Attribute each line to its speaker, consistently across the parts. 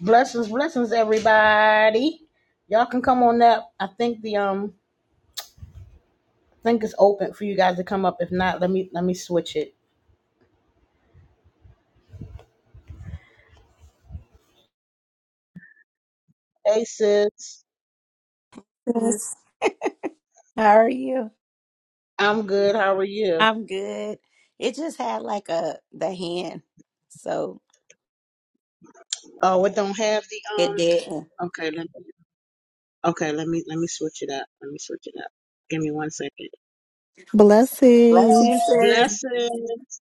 Speaker 1: Blessings, blessings, everybody. Y'all can come on up. I think the um I think it's open for you guys to come up. If not, let me let me switch it. Hey sis,
Speaker 2: Yes. How are you?
Speaker 1: I'm good. How are you?
Speaker 2: I'm good. It just had like a the hand, so
Speaker 1: Oh, it don't have the
Speaker 2: it
Speaker 1: um
Speaker 2: didn't.
Speaker 1: okay, let me okay, let me let me switch it up. Let me switch it up. Give me one second.
Speaker 2: Bless you,
Speaker 3: Blessings.
Speaker 2: sis.
Speaker 1: Blessings.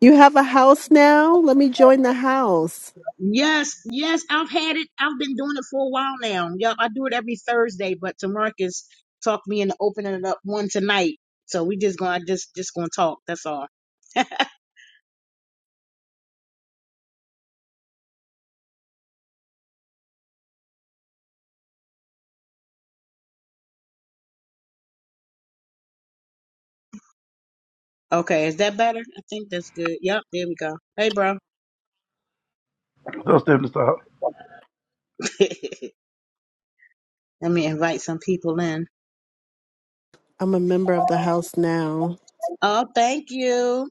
Speaker 3: You have a house now? Let me join the house.
Speaker 1: Yes, yes, I've had it. I've been doing it for a while now. Yep, I do it every Thursday, but Tamarcus talked me into opening it up one tonight. So we just gonna I just just gonna talk. That's all. Okay, is that better? I think that's good. Yep, there we go. Hey, bro.
Speaker 4: Don't step this out.
Speaker 1: Let me invite some people in.
Speaker 3: I'm a member of the house now.
Speaker 1: Oh, thank you.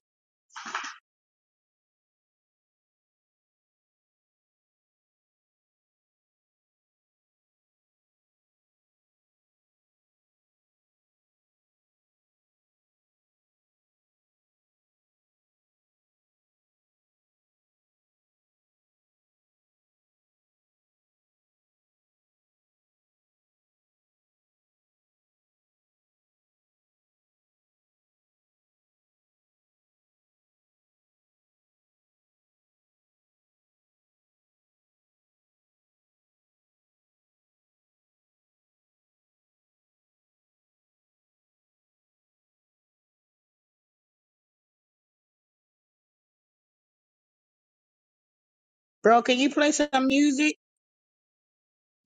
Speaker 1: Bro, can you play some music?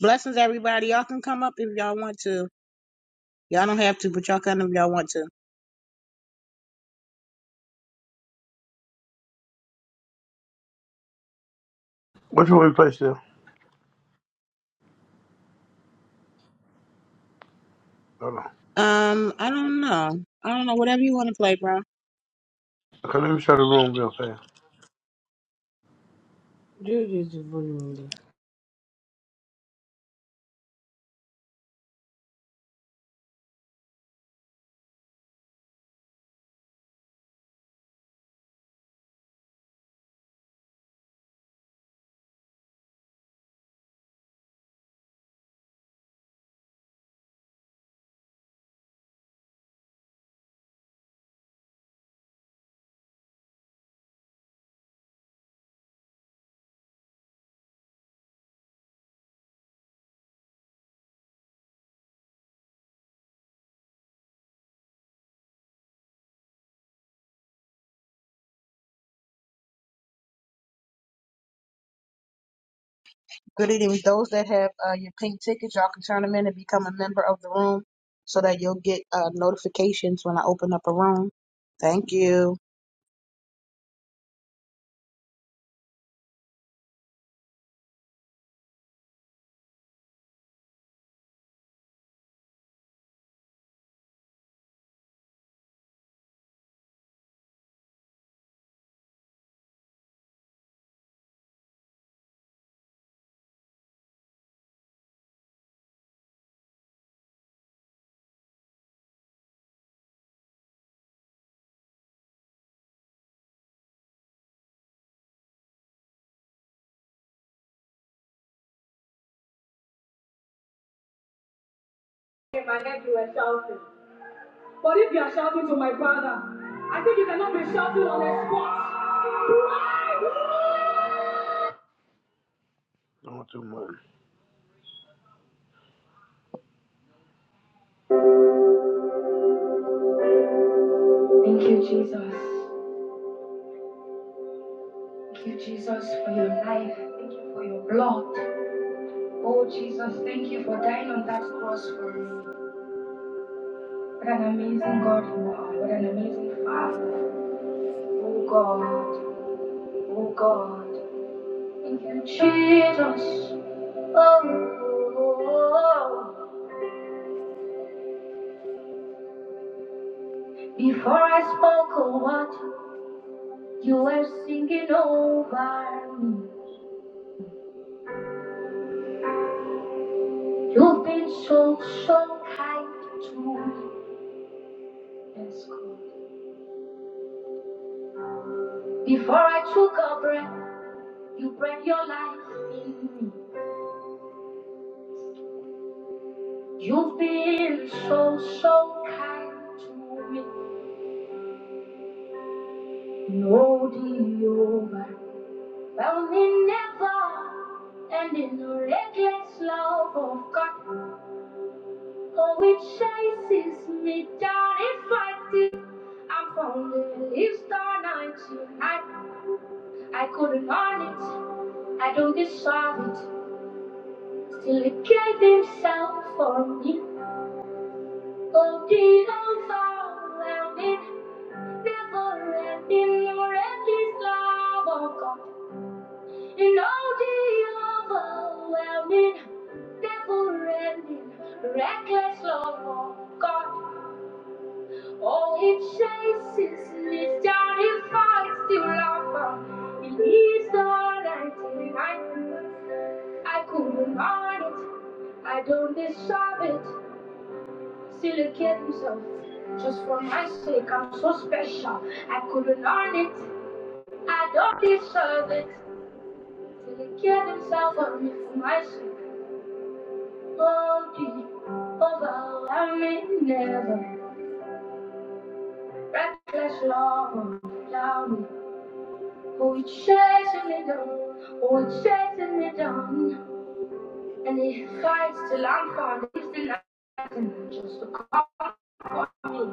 Speaker 1: Blessings, everybody. Y'all can come up if y'all want to. Y'all don't have to, but y'all can if y'all want to.
Speaker 4: Which one we play still? Hold on.
Speaker 1: Um, I don't know. I don't know. Whatever you want to play, bro.
Speaker 4: Okay, let me show the room real fast.
Speaker 5: Juju's vulnerable.
Speaker 1: Good evening. Those that have uh, your pink tickets, y'all can turn them in and become a member of the room so that you'll get uh, notifications when I open up a room. Thank you.
Speaker 4: In my head, you were shouting. But if you are shouting to my brother, I think you cannot be shouting on the spot. Don't too much. Thank you, Jesus. Thank you, Jesus, for your life. Thank you for your blood. Oh, Jesus, thank you for dying on that cross for me. What an amazing God you are. What an amazing Father. Oh, God. Oh, God. you cheat us, oh, oh, oh. before I spoke a word, you were singing over me. You've been so, so kind to me. Yes, Before I took a breath, you bred your life in me. You've been so, so kind to me. No the overwhelming never, end in the reckless love of God. Oh, it chases me down and finds it. I'm from the leaves torn into I, I couldn't on it. I don't deserve it. Still, it gave himself for me. Oh, the overwhelming, never ending, reckless love of God. And all the overwhelming, never ending, reckless love of God. All he chases lives down and fights till lava. He leaves the light and I couldn't, I couldn't hide it. I don't deserve it. Still he killed himself. Just for my sake, I'm so special. I couldn't earn it. I don't deserve it. Still, he killed himself for me for my sake. Won't be overwhelming, never. Reckless love, down. Oh, we chase and they don't, but we chase and they And he fights till I'm gone, leaves the night and just to call me.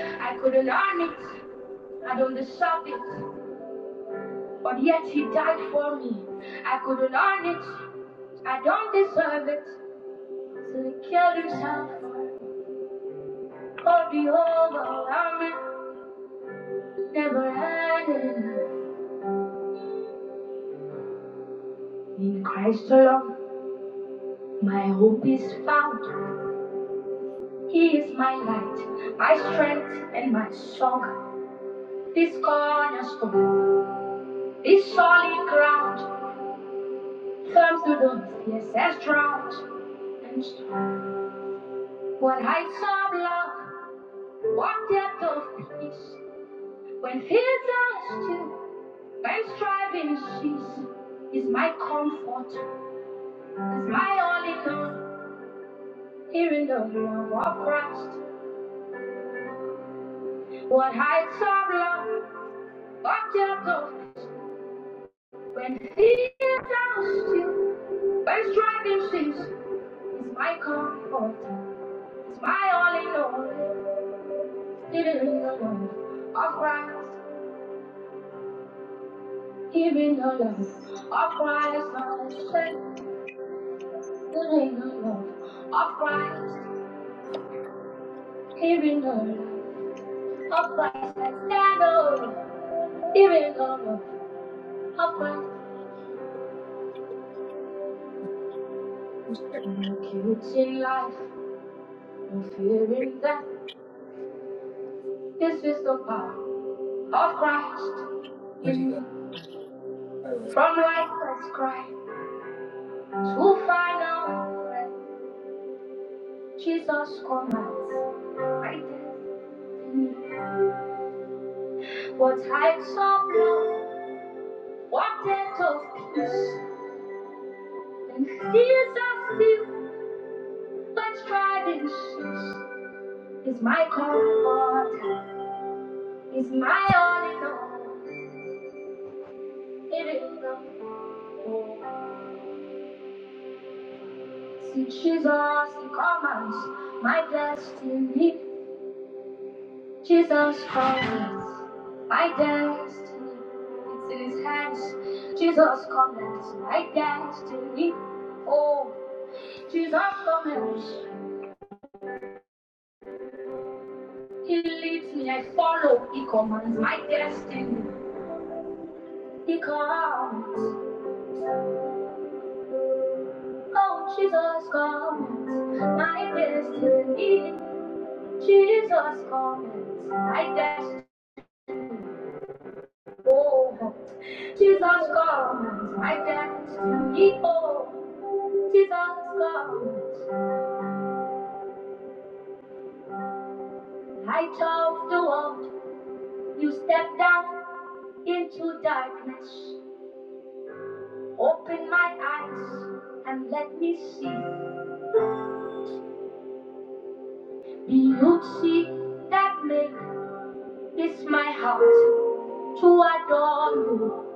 Speaker 4: I couldn't earn it, I don't deserve it, but yet he died for me. I couldn't earn it, I don't deserve it. So he killed himself, for the overwhelming, never ending. In Christ alone, my hope is found. He is my light, my strength, and my song. This cornerstone, this solid ground, firm through the fiercest drought and storm. What heights of love, what depth of peace, when fields are still, when striving cease, is my comfort, is my only love. all. Here in the love of Christ, what heights of love, what depth of peace. When fear are still, when striking cease, is my comfort, is my all in all. Still in the love of Christ, even the love of Christ, I said, still in the love of Christ, even the love of Christ, I stand on, even the love of Christ. No guilt in life, no fear in death, this is the power of Christ
Speaker 6: Where do you go?
Speaker 4: in me. From life prescribed to final breath, Jesus commands. I destiny. What heights of love, what depth of peace, and fears are still, but striving cease. Is my comfort, is my all in all. It is the Lord. See Jesus, He commands my destiny. Jesus forgives my destiny. It's in his hands. Jesus commands my destiny. Oh, Jesus commands. He leads me, I follow. He commands my destiny. He comes. Oh, Jesus commands my destiny. Jesus commands my destiny. Oh, Jesus God, I thank the people. Jesus comes, light of the world, you step down into darkness. Open my eyes and let me see the beauty that makes this my heart to adore you.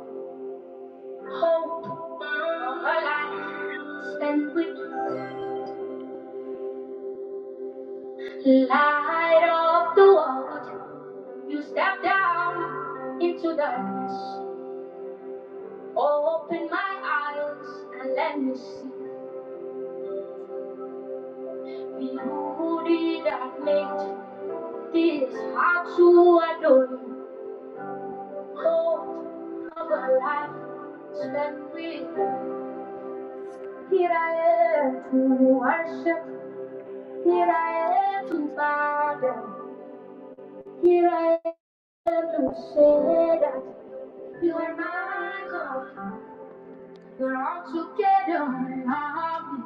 Speaker 4: Hope of a life spent with light of the world. You step down into darkness. Oh, Open my eyes and let me see the beauty that made this heart to adore. Hope of a life spent with you. Here I am to worship. Here I am to bow down. Here I am to say that you are my God. We're all together now.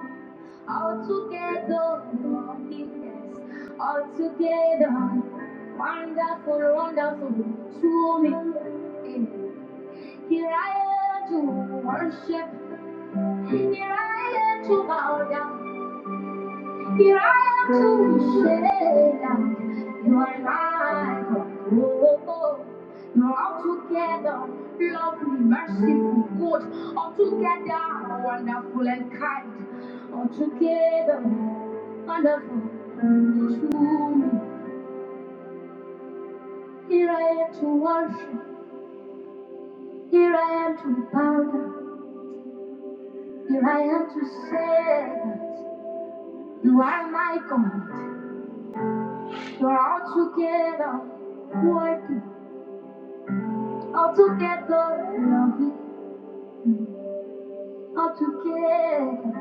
Speaker 4: All together, yes. All together, wonderful, wonderful to me. Here I am to worship. Here I am to bow down. Here I am to say that you are mine. Oh, oh, oh. You're altogether lovely, merciful, good, altogether wonderful and kind, altogether wonderful to me. Here I am to worship, here I am to bow down, here I am to say that you are my God. You're altogether worthy. All together. lovely. all together.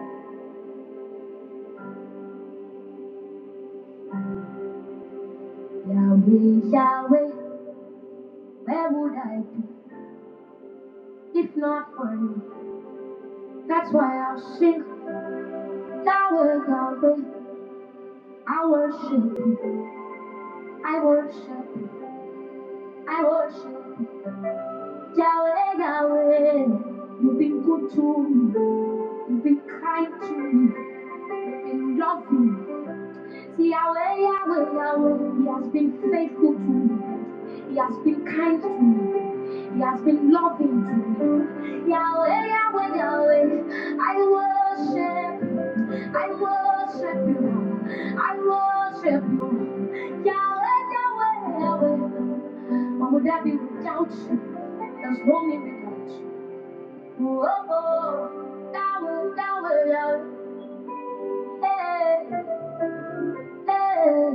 Speaker 4: Yahweh, Yahweh, where would I be if not for you? That's why I'll sing Yahweh, Yahweh. I worship, I worship, I worship Yahweh, Yahweh. You've been good to me, you've been kind to me, you've been loving. me. Yahweh, Yahweh, Yahweh, He has been faithful to me. He has been kind to me. He has been loving to me. Yahweh, Yahweh, Yahweh, I worship, I worship you. I worship you. Yahweh, Yahweh, Yahweh, what would I be without you? There's no me without you. Oh, oh, Yahweh, Yahweh, Yahweh, hey, hey.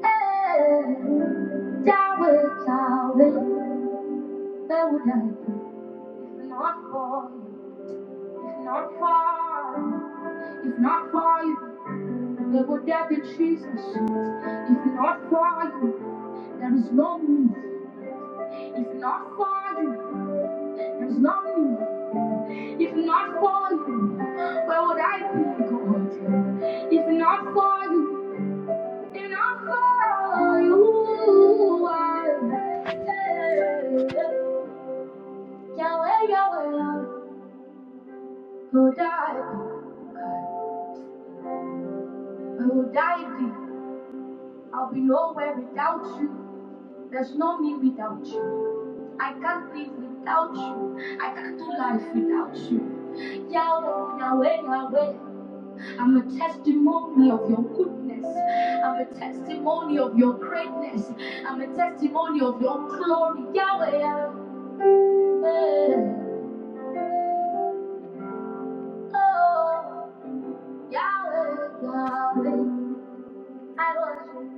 Speaker 4: Down with darling, where would I be if not for you? If not for you, if not for you, where would I be Jesus? If not for you, there is no me. If not for you, there is no me. If not for you, where would I be, God? If not for you. And I for you are Yahweh, Yahweh, who died, who died I'll be nowhere without you. There's no me without you. I can't live without you. I can't do life without you. Yahweh, Yahweh, Yahweh. I'm a testimony of your goodness. I'm a testimony of your greatness. I'm a testimony of your glory. Yahweh, Yahweh. Hey, oh, Yahweh, Yahweh, I worship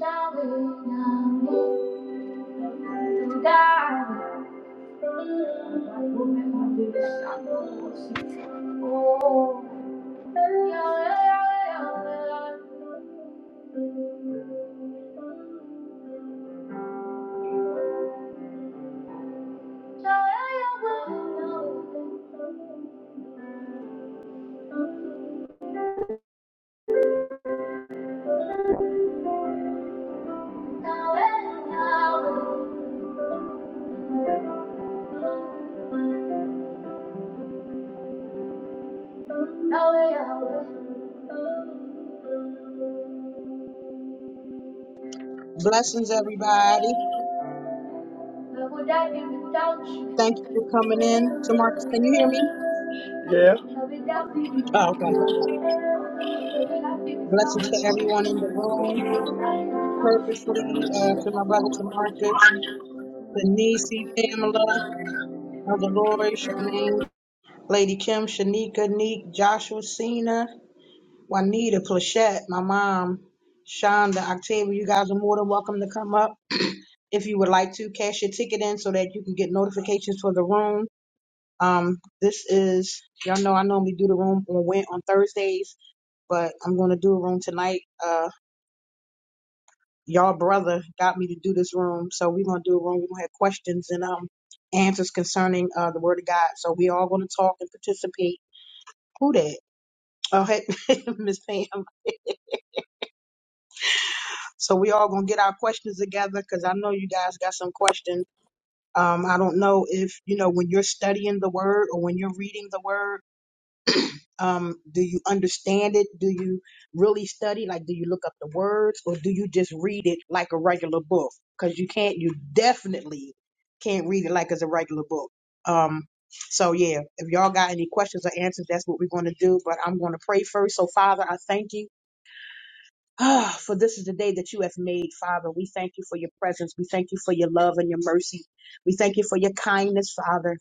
Speaker 4: Yahweh, Yahweh, to God. Oh, Yahweh, Yahweh, Yahweh, Yahweh, Yahweh, Yahweh, Yahweh, Yahweh, Yahweh, Yahweh,
Speaker 1: Blessings, everybody.
Speaker 4: Where would I be without you?
Speaker 1: Thank you for coming in. so Marcus. can you hear me?
Speaker 4: Yeah. Yeah,
Speaker 1: Oh, okay. Blessings to everyone in the room. Purposely, uh, to my brother to Marcus, Denise, Pamela, Elder Lori, Charmaine, Lady Kim, Shanika, Neek, Joshua, Cena, Juanita, Plachette, my mom, Shonda, Octavia. You guys are more than welcome to come up. If you would like to, cash your ticket in so that you can get notifications for the room. Um, this is, y'all know I normally do the room on Wed- on Thursdays but I'm gonna do a room tonight. Uh, y'all brother got me to do this room, so we're gonna do a room. We're gonna have questions and um answers concerning uh the Word of God. So we all gonna talk and participate. Who that? Oh, hey, Miss Pam. So we all gonna get our questions together because I know you guys got some questions. Um, I don't know if you know when you're studying the Word or when you're reading the Word Um, do you understand it? Do you really study? Like, do you look up the words or do you just read it like a regular book? Because you can't, you definitely can't read it like it's a regular book. Um, so yeah, if y'all got any questions or answers, that's what we're going to do. But I'm going to pray first. So Father, I thank you. Ah, for this is the day that you have made, Father. We thank you for your presence. We thank you for your love and your mercy. We thank you for your kindness, Father.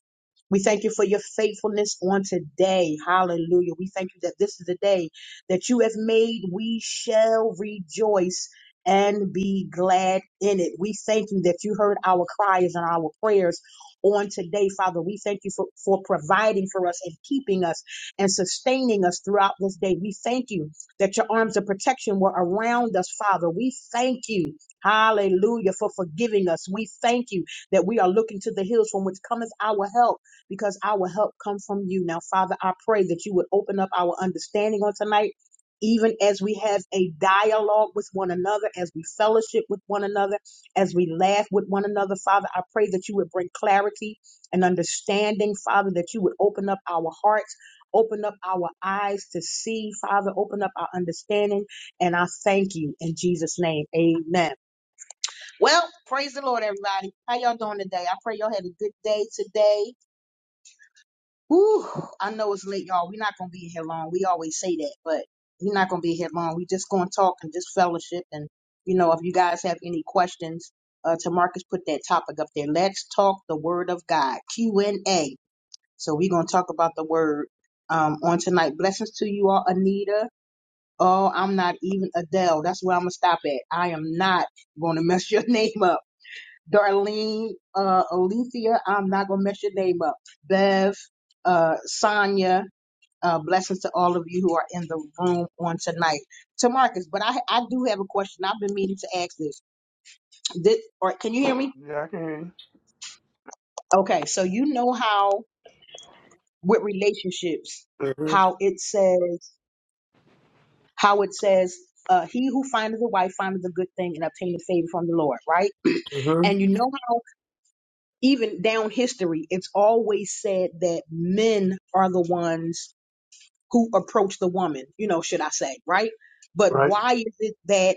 Speaker 1: We thank you for your faithfulness on today. Hallelujah. We thank you that this is the day that you have made. We shall rejoice and be glad in it. We thank you that you heard our cries and our prayers on today, Father. We thank you for, for providing for us and keeping us and sustaining us throughout this day. We thank you that your arms of protection were around us, Father. We thank you. Hallelujah for forgiving us. We thank you that we are looking to the hills from which cometh our help because our help come from you. Now, Father, I pray that you would open up our understanding on tonight, even as we have a dialogue with one another, as we fellowship with one another, as we laugh with one another. Father, I pray that you would bring clarity and understanding, Father, that you would open up our hearts. Open up our eyes to see, Father. Open up our understanding. And I thank you in Jesus' name. Amen. Well, praise the Lord, everybody. How y'all doing today? I pray y'all had a good day today. Whew, I know it's late, y'all. We're not gonna be here long. We always say that, but we're not gonna be here long. we just gonna talk and just fellowship. And you know, if you guys have any questions, uh, to Marcus put that topic up there. Let's talk the Word of God Q and A. So we're gonna talk about the Word um on tonight. Blessings to you all, Anita. Oh, I'm not even Adele. That's where I'm gonna stop at. I am not gonna mess your name up. Darlene, uh, Alethea, I'm not going to mess your name up. Bev, uh, Sonia, uh, blessings to all of you who are in the room on tonight. To Marcus, but I, I do have a question. I've been meaning to ask this. Did, or can you hear me?
Speaker 4: I can
Speaker 1: Okay. So you know how with relationships,
Speaker 4: hear you.
Speaker 1: how it says, how it says, uh, he who findeth a wife findeth a good thing and obtaineth favor from the Lord, right?
Speaker 4: hmm hmm
Speaker 1: And you know how even down history, it's always said that men are the ones who approach the woman, you know, should I say, right? But
Speaker 4: Right.
Speaker 1: why is it that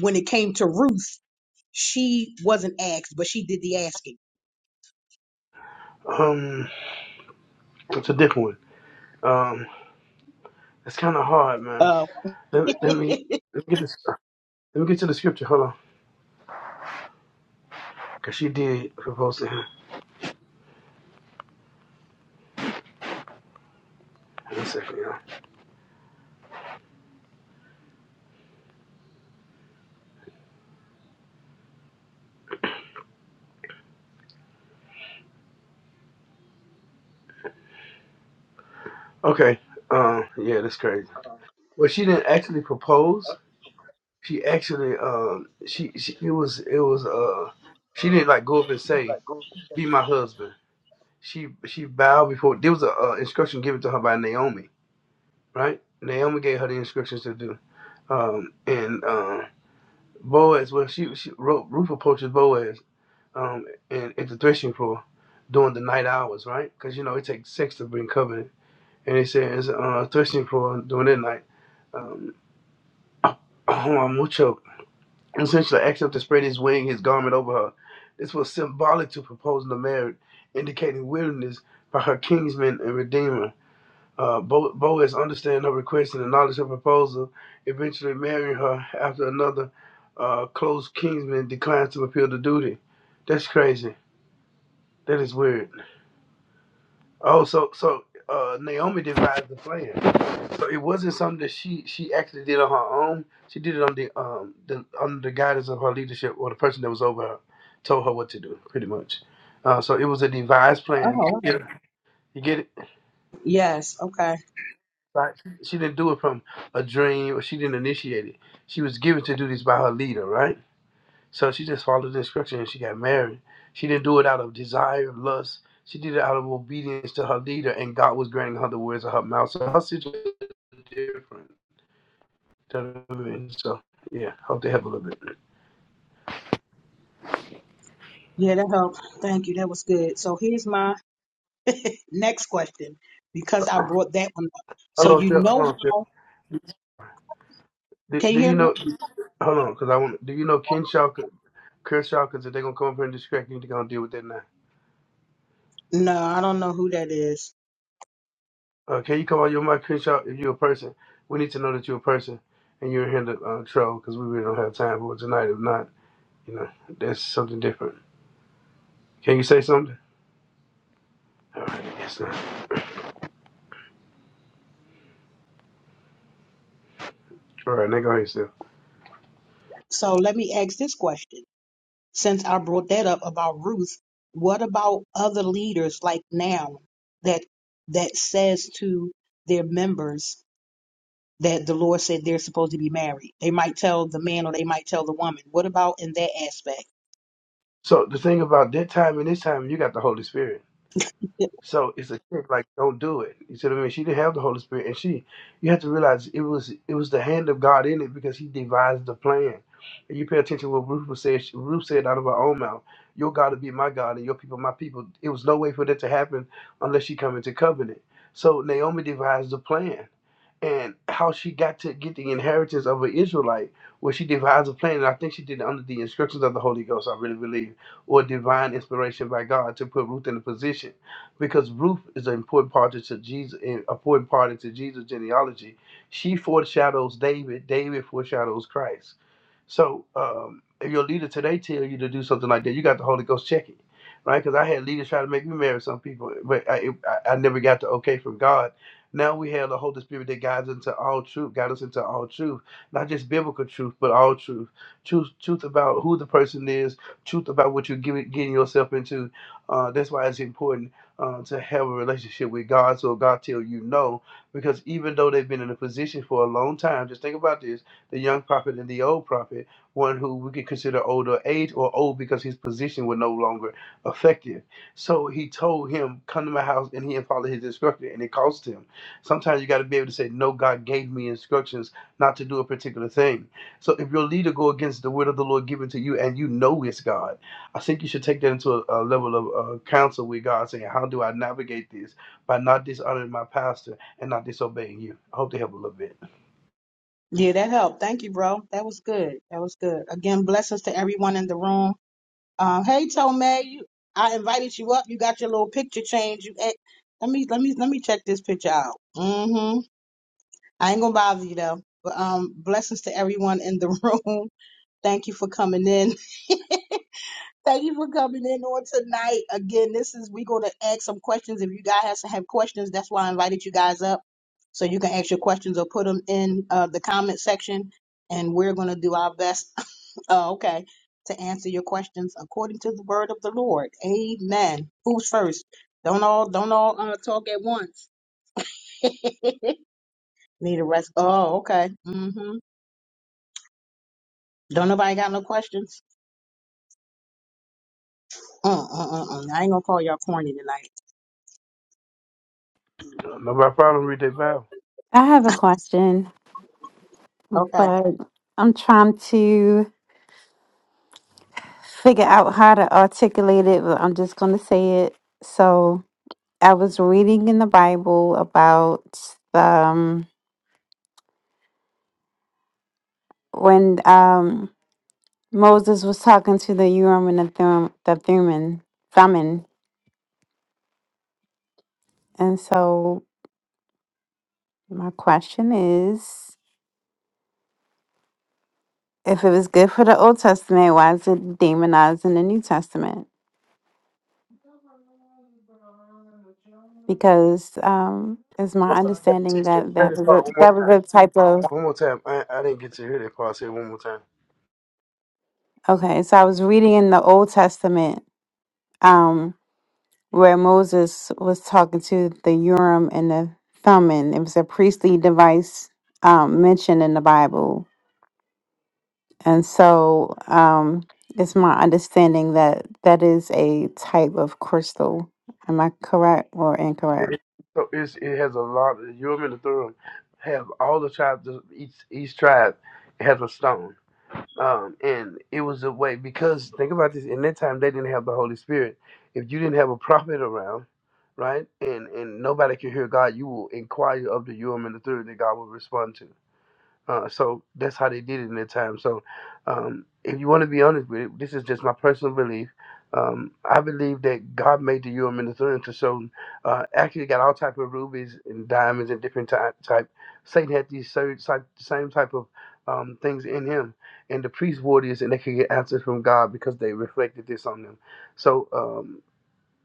Speaker 1: when it came to Ruth, she wasn't asked, but she did the asking?
Speaker 4: Um, it's a different one. Um, it's kind of hard, man.
Speaker 1: Uh,
Speaker 4: Let me, let me
Speaker 1: oh,
Speaker 4: let me get this. Let me get to the scripture. Hold on, cause she did propose to him. One second, y'all. Okay. Um, yeah, that's crazy.
Speaker 7: uh,
Speaker 4: Well, she didn't actually propose. She actually, um, she, she it was it was
Speaker 7: she was
Speaker 4: uh, she
Speaker 7: uh,
Speaker 4: didn't like go up and
Speaker 7: she
Speaker 4: say.
Speaker 7: like ghosted.
Speaker 4: be my husband. She she bowed before. There was a uh, instruction given to her by Naomi, right? Naomi gave her the instructions to do, um, and um, Boaz. Well, she she wrote Ruth approaches Boaz, um, and at the threshing floor during the night hours, right? Because you know it takes sex to bring covenant, and it says uh, threshing floor during that night. Um, and essentially asked him to spread his wing, his garment over her. This was symbolic to proposing the marriage, indicating willingness by her kinsman and redeemer. Uh, Bo- Boaz understand her request and acknowledged her proposal, eventually marrying her after another uh, close kinsman declines to fulfill the duty. That's crazy. That is weird. Oh, so so uh, Naomi devised the plan. So it wasn't something that she she actually did on her own. She did it on the um the under the guidance of her leadership or the person that was over her told her what to do, pretty much. Uh, so it was a devised plan. To
Speaker 1: wow.
Speaker 4: get her, you get it?
Speaker 1: yes. Okay.
Speaker 4: Like she didn't do it from a dream or she didn't initiate it. She was given to do this by her leader, right? So she just followed the instruction and she got married. She didn't do it out of desire, lust. She did it out of obedience to her leader, and God was granting her the words of her mouth. So her situation is different. You know what I mean? So, yeah, hope they help a little bit.
Speaker 1: Yeah, that helped. Thank you. That was good. So here's my next question because I brought that one up. So
Speaker 4: Hold on,
Speaker 1: you
Speaker 4: Phil, hold
Speaker 1: know
Speaker 4: on, Phil.
Speaker 1: how,
Speaker 4: Do,
Speaker 1: can you
Speaker 4: do
Speaker 1: hear
Speaker 4: you
Speaker 1: me?
Speaker 4: know? Hold on, because I want. Do you know Kinshaw, Kershaw? Because if they're gonna come up here and distract you, they're gonna deal with that now.
Speaker 1: No, I don't know who that is.
Speaker 4: Uh, can you come on your mic, Kinshaw? If you're a person, we need to know that you're a person and you're in here to uh, troll because we really don't have time for it tonight. If not, you know, that's something different. Can you say something? All right, I guess not. All right, now go ahead, Steph.
Speaker 1: So let me ask this question. since I brought that up about Ruth, what about other leaders like now that that says to their members that the Lord said they're supposed to be married? They might tell the man or they might tell the woman. What about in that aspect?
Speaker 4: So the thing about that time and this time, you got the Holy Spirit.
Speaker 1: Y-
Speaker 4: So it's a trick, like don't do it. You see what I mean? She didn't have the Holy Spirit, and she, you have to realize it was it was the hand of God in it because He devised the plan. And you pay attention to what Ruth was said. She- Ruth said out of her own mouth, "Your God will be my God, and your people my people." It was no way for that to happen unless she come into covenant. So Naomi devised the plan. and how she got to get the inheritance of an Israelite, where she devised a plan, and I think she did it under the instructions of the Holy Ghost, I really believe, or divine inspiration by God to put Ruth in a position, because Ruth is an important part to Jesus, an important part into Jesus' genealogy. She foreshadows David, David foreshadows Christ so um, if your leader today tell you to do something like that, you got the Holy Ghost check it, right? Because I had leaders try to make me marry some people, but I, I, I never got the okay from God. Now we have the Holy Spirit that guides into all truth, guides us into all truth, not just biblical truth, but all truth, truth, truth about who the person is, truth about what you're giving, getting yourself into. Uh, that's why it's important uh, to have a relationship with God, so God tell you no, because even though they've been in a position for a long time, just think about this the young prophet and the old prophet, one who we could consider older age or old because his position was no longer effective. So he told him, Come to my house, and he followed his instruction, and it cost him. Sometimes you got to be able to say, No, God gave me instructions not to do a particular thing. So if your leader go against the word of the Lord given to you and you know it's God, I think you should take that into a, a level of uh, counsel with God, saying, How do I navigate this by not dishonoring my pastor and not disobeying you? I hope they help a little bit.
Speaker 1: Yeah, that helped. Thank you, bro. That was good. That was good. Again, blessings to everyone in the room. Um, hey, Tomei, you, I invited you up. You got your little picture change. You, eh, let me let me let me check this picture out. Mm-hmm. I ain't gonna bother you though. But um, blessings to everyone in the room. Thank you for coming in. Thank you for coming in on tonight. Again, this is we gonna ask some questions. If you guys have questions, that's why I invited you guys up so you can ask your questions or put them in uh, the comment section, and we're gonna do our best. oh, okay, to answer your questions according to the word of the Lord. Amen. Who's first? Don't all don't all uh, talk at once. Need a rest. Oh, okay. Mhm. Don't nobody got no questions? Mm-mm-mm. I ain't gonna call y'all corny tonight.
Speaker 4: No problem, read that vow.
Speaker 8: I have a question,
Speaker 1: Okay.
Speaker 8: but I'm trying to figure out how to articulate it, but I'm just going to say it. So, I was reading in the Bible about the, um, when um, Moses was talking to the Urim and the Thum- the Thummim, Thummim. And so, my question is if it was good for the Old Testament, why is it demonized in the New Testament? Because um, it's
Speaker 4: I'm
Speaker 8: my
Speaker 4: sorry, I got to
Speaker 8: understanding
Speaker 4: text that
Speaker 8: that that
Speaker 4: credit
Speaker 8: was
Speaker 4: part
Speaker 8: a,
Speaker 4: one more
Speaker 8: that was
Speaker 4: time.
Speaker 8: a type of
Speaker 4: One more time. I, I didn't get to hear that part. Say it one more time.
Speaker 8: Okay, so I was reading in the Old Testament um, where Moses was talking to the Urim and the Thummim. It was a priestly device um, mentioned in the Bible, and so um, it's my understanding that that is a type of crystal. Am I correct or incorrect?
Speaker 4: It- so it's, it has a lot. You and the throne have all the tribes. of Each each tribe has a stone. Um, and it was a way because think about this. In that time, they didn't have the Holy Spirit. If you didn't have a prophet around, right, and and nobody could hear God, you will inquire of the Urim and the Thummim that God will respond to. Uh, so that's how they did it in their time. So um, if you want to be honest with it, this is just my personal belief. Um, I believe that God made the Urim and the Thummim to show. Uh, actually, got all type of rubies and diamonds and different type. type. Satan had these same type, same type of um, things in him, and the priests wore this, and they could get answers from God because they reflected this on them. So. Um,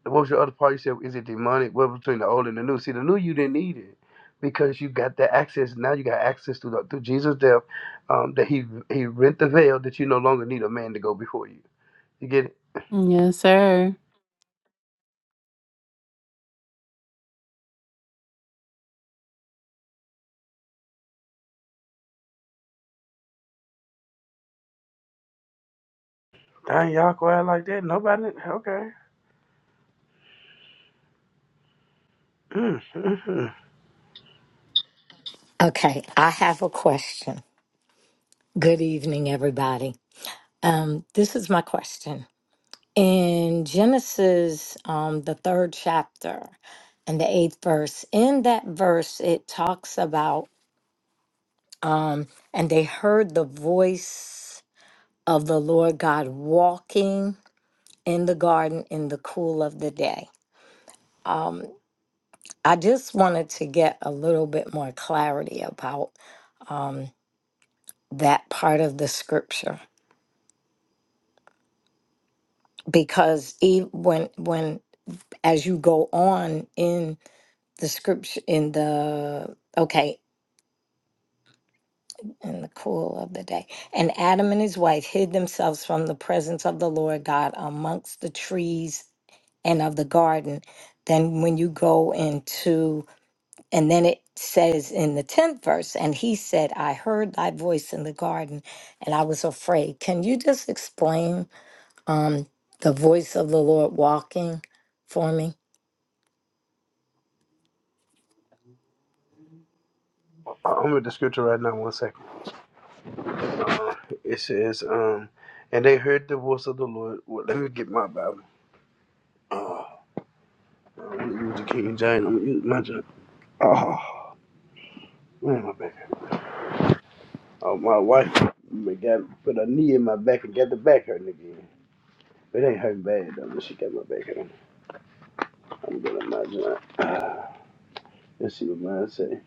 Speaker 4: what was your other part? You said, is it demonic? What between the old and the new? See, the new you didn't need it because you got that access. Now you got access to the, through Jesus' death um, that he he rent the veil that you no longer need a man to go before you. You get it?
Speaker 8: Yes, sir.
Speaker 4: Dang, y'all go out like that. Nobody. Okay. Mm.
Speaker 9: Okay, I have a question. Good evening, everybody. Um, this is my question. In Genesis, um, the third chapter and the eighth verse, in that verse, it talks about, um, and they heard the voice of the Lord God walking in the garden in the cool of the day. Um, I just wanted to get a little bit more clarity about um, that part of the scripture because even when when as you go on in the scripture in the okay in the cool of the day and adam and his wife hid themselves from the presence of the lord god amongst the trees and of the garden then when you go into and then it says in the 10th verse and he said i heard thy voice in the garden and i was afraid can you just explain um the voice of the lord walking for me
Speaker 4: I- I'm with the scripture right now. One second. Uh, it says, um, and they heard the voice of the Lord. Well, let me get my Bible. Oh, I'm gonna use the King James. I'm gonna use my James. Oh, man, my bad. Oh, my wife me got put a knee in my back and got the back hurting again. It ain't hurting bad though, but she got my back hurting. I'm gonna imagine. job. Let's see what mine say.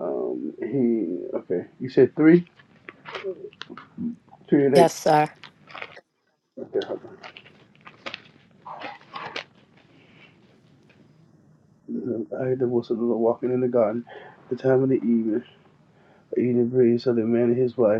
Speaker 4: Um, he okay. You said three, three and eight.
Speaker 9: Yes, sir.
Speaker 4: Okay, hold on. I heard the whistle of the walking in the garden, the time of the evening, eating bread, so the man and his wife.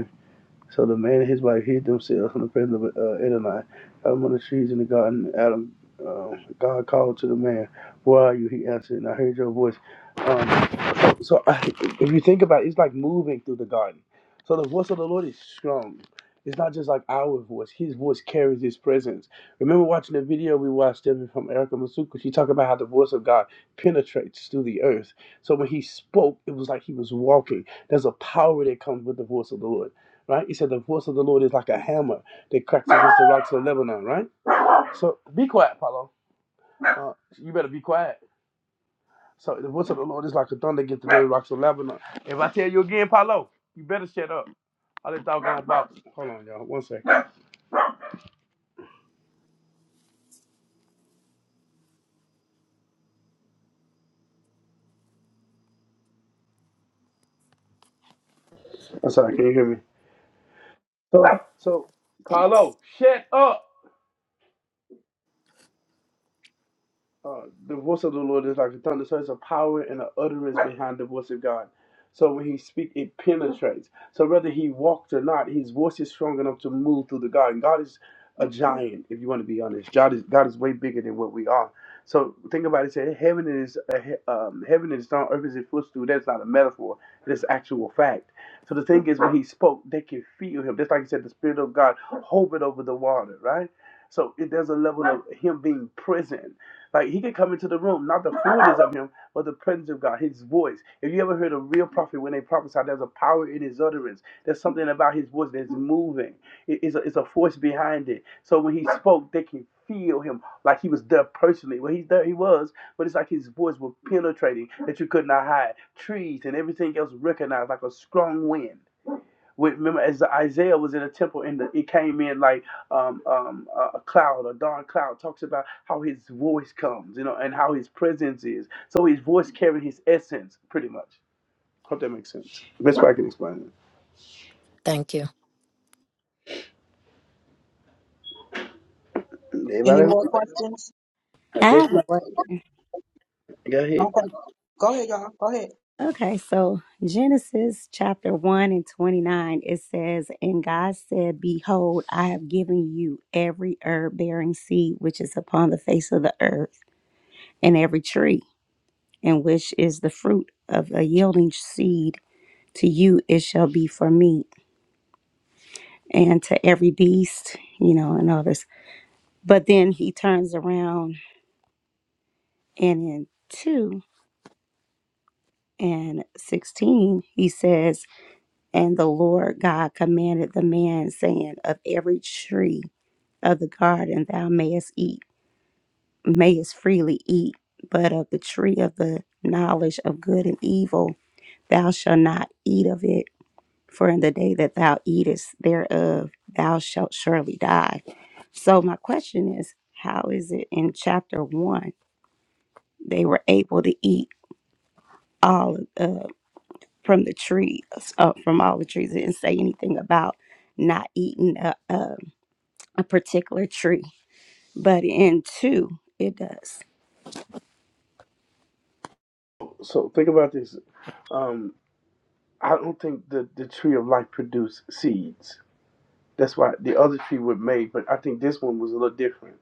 Speaker 4: So the man and his wife hid themselves from the presence of uh, Adonai out among the trees in the garden. Adam, uh, God called to the man, "Where are you?" He answered, "And I heard your voice." Um, so, so I, if you think about it, it's like moving through the garden. So the voice of the Lord is strong. It's not just like our voice. His voice carries His presence. Remember watching the video we watched earlier from Erica Masuka. She talked about how the voice of God penetrates through the earth. So when He spoke, it was like He was walking. There's a power that comes with the voice of the Lord right? He said the voice of the Lord is like a hammer that cracks against the rocks of Lebanon, right? So be quiet, Paulo. Uh, you better be quiet. So the voice of the Lord is like a thunder against the very rocks of Lebanon. If I tell you again, Paulo, you better shut up. I All that doggone about. Hold on, y'all. One second. I'm sorry. Can you hear me? So, so
Speaker 9: Yes.
Speaker 4: Paulo, shut up. uh, the voice of the Lord is like a thunder, so it's a power and an utterance behind the voice of God. So when he speaks, it penetrates. So whether he walked or not, his voice is strong enough to move through the garden. God is a giant, if you want to be honest. God is God is way bigger than what we are. So think about it. Say heaven is a, he- um, heaven is stone, earth is a footstool. That's not a metaphor. That's actual fact. So the thing is, when he spoke, they could feel him. Just like he said, the spirit of God hovered over the water, right? So it, there's a level of him being present like he could come into the room, not the fullness of him, but the presence of God, his voice. If you ever heard a real prophet when they prophesy, there's a power in his utterance. There's something about his voice that's moving. It- it's, a, it's a force behind it. So when he spoke, they can feel him like he was there personally. Well, he's there, he was, but it's like his voice was penetrating that you could not hide. Trees and everything else recognized like a strong wind. With, remember, as Isaiah was in a temple, and the, it came in like um, um, a a cloud, a dark cloud. Talks about how his voice comes, you know, and how his presence is. So his voice carrying his essence, pretty much. Hope that makes sense. Best way I can explain
Speaker 9: Thank you.
Speaker 4: it.
Speaker 1: Any
Speaker 4: Everybody,
Speaker 1: more questions?
Speaker 4: I
Speaker 2: I
Speaker 4: guess
Speaker 2: have a
Speaker 4: not.
Speaker 2: question.
Speaker 4: Go ahead.
Speaker 1: Okay. Go ahead, y'all. Go ahead.
Speaker 2: Okay, so Genesis chapter 1 and 29, it says, And God said, Behold, I have given you every herb bearing seed which is upon the face of the earth, and every tree, and which is the fruit of a yielding seed. To you it shall be for meat, and to every beast, you know, and others." But then he turns around and in 2 and 16, he says, And the Lord God commanded the man, saying, Of every tree of the garden thou mayest eat, mayest freely eat, but of the tree of the knowledge of good and evil thou shalt not eat of it, for in the day that thou eatest thereof thou shalt surely die. So my question is, how is it in chapter 1 they were able to eat? all uh, from the tree, uh, from all the trees. It didn't say anything about not eating a, a, a particular tree, but in two, it does.
Speaker 4: So think about this. Um, I don't think the the tree of life produced seeds. That's why the other tree was made, but I think this one was a little different.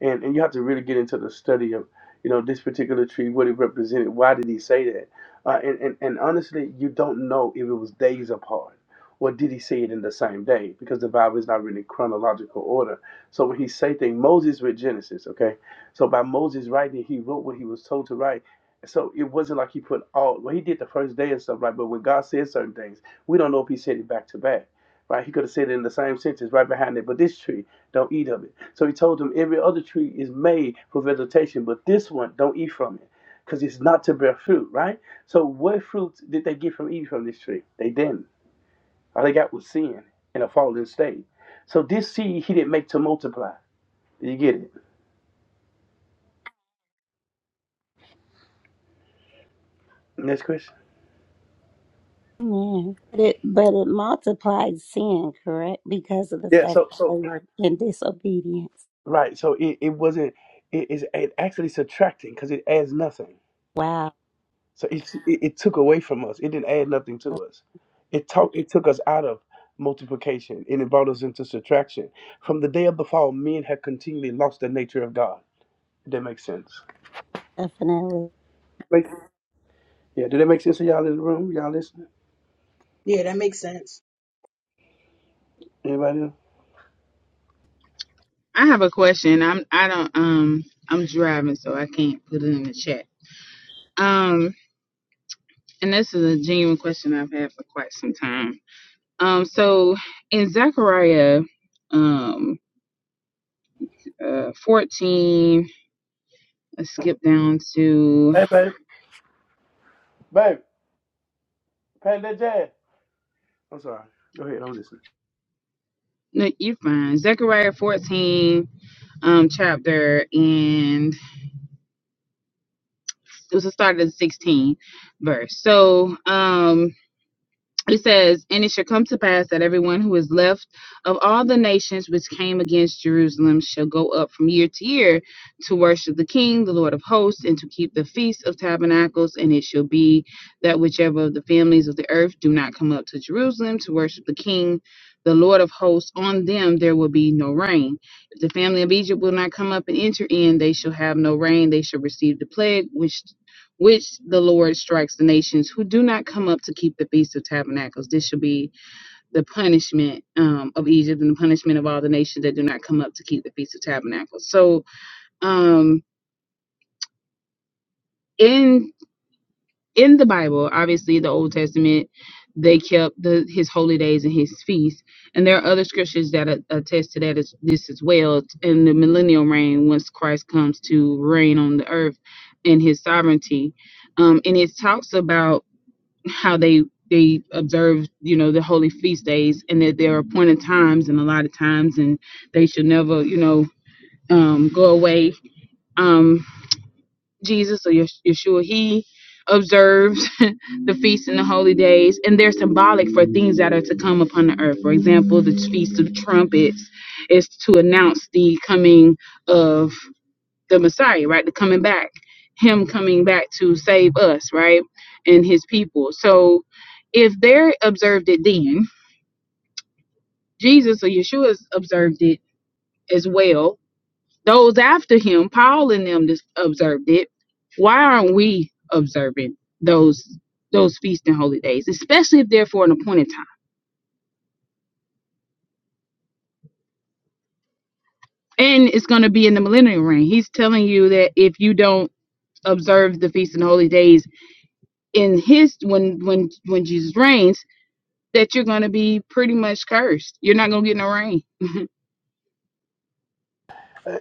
Speaker 4: And and you have to really get into the study of, you know, this particular tree, what it represented. Why did he say that? Uh, and, and and honestly, you don't know if it was days apart, or did he say it in the same day? Because the Bible is not really chronological order. So when he say things, Moses with Genesis, okay. So by Moses writing, he wrote what he was told to write. So it wasn't like he put all. Well, he did the first day and stuff, right? But when God said certain things, we don't know if he said it back to back right? He could have said it in the same sentence right behind it, but this tree, don't eat of it. So he told them every other tree is made for vegetation, but this one, don't eat from it because it's not to bear fruit, right? So what fruit did they get from eating from this tree? They didn't. All they got was sin in a fallen state. So this seed he didn't make to multiply. You get it? Next question.
Speaker 2: Amen. But it, but it multiplied sin, correct? Because of the
Speaker 4: Yeah.
Speaker 2: fact
Speaker 4: So
Speaker 2: that
Speaker 4: so
Speaker 2: they were in disobedience.
Speaker 4: right. So it, it wasn't. It is it actually subtracting because it adds nothing
Speaker 2: Wow,
Speaker 4: So it, it it took away from us. It didn't add nothing to us. It took it took us out of multiplication and it brought us into subtraction. From the day of the fall, men have continually lost the nature of God. Did that make sense?
Speaker 2: definitely.
Speaker 4: Make- yeah, did that make sense to y'all in the room? Y'all listening?
Speaker 1: Yeah, that makes sense.
Speaker 4: Anybody else?
Speaker 10: I have a question. I'm I don't um I'm driving so I can't put it in the chat. Um and this is a genuine question I've had for quite some time. Um so in Zechariah um uh 14 let's skip down to
Speaker 4: Hey babe. Babe, play that jazz. I'm sorry. Go ahead, I'm listening.
Speaker 10: no you're fine. Zechariah 14 um chapter and it was the start of the 16 verse. So um it says, And it shall come to pass that everyone who is left of all the nations which came against Jerusalem shall go up from year to year to worship the King, the Lord of hosts, and to keep the feast of tabernacles. And it shall be that whichever of the families of the earth do not come up to Jerusalem to worship the King, the Lord of hosts, on them there will be no rain. If the family of Egypt will not come up and enter in, they shall have no rain. They shall receive the plague which which the Lord strikes the nations who do not come up to keep the Feast of Tabernacles. This shall be the punishment um, of Egypt and the punishment of all the nations that do not come up to keep the Feast of Tabernacles. So, um, in in the Bible, obviously the Old Testament, they kept the, his holy days and his feasts, and there are other scriptures that a- attest to that as this as well. In the millennial reign, once Christ comes to reign on the earth in his sovereignty, um, and it talks about how they they observe you know the holy feast days and that there are appointed times and a lot of times and they should never you know um go away um jesus or Yes- yeshua he observes the feasts and the holy days and they're symbolic for things that are to come upon the earth for example the feast of trumpets is to announce the coming of the Messiah, right? The coming back, him coming back to save us, right? And his people. So if they're observed it then, Jesus or Yeshua observed it as well. Those after him, Paul and them just observed it. Why aren't we observing those those feasts and holy days, especially if they're for an appointed time? And it's going to be in the millennial reign. He's telling you that if you don't observe the feasts and holy days in his when when when Jesus reigns, that you're going to be pretty much cursed. You're not going to get no rain.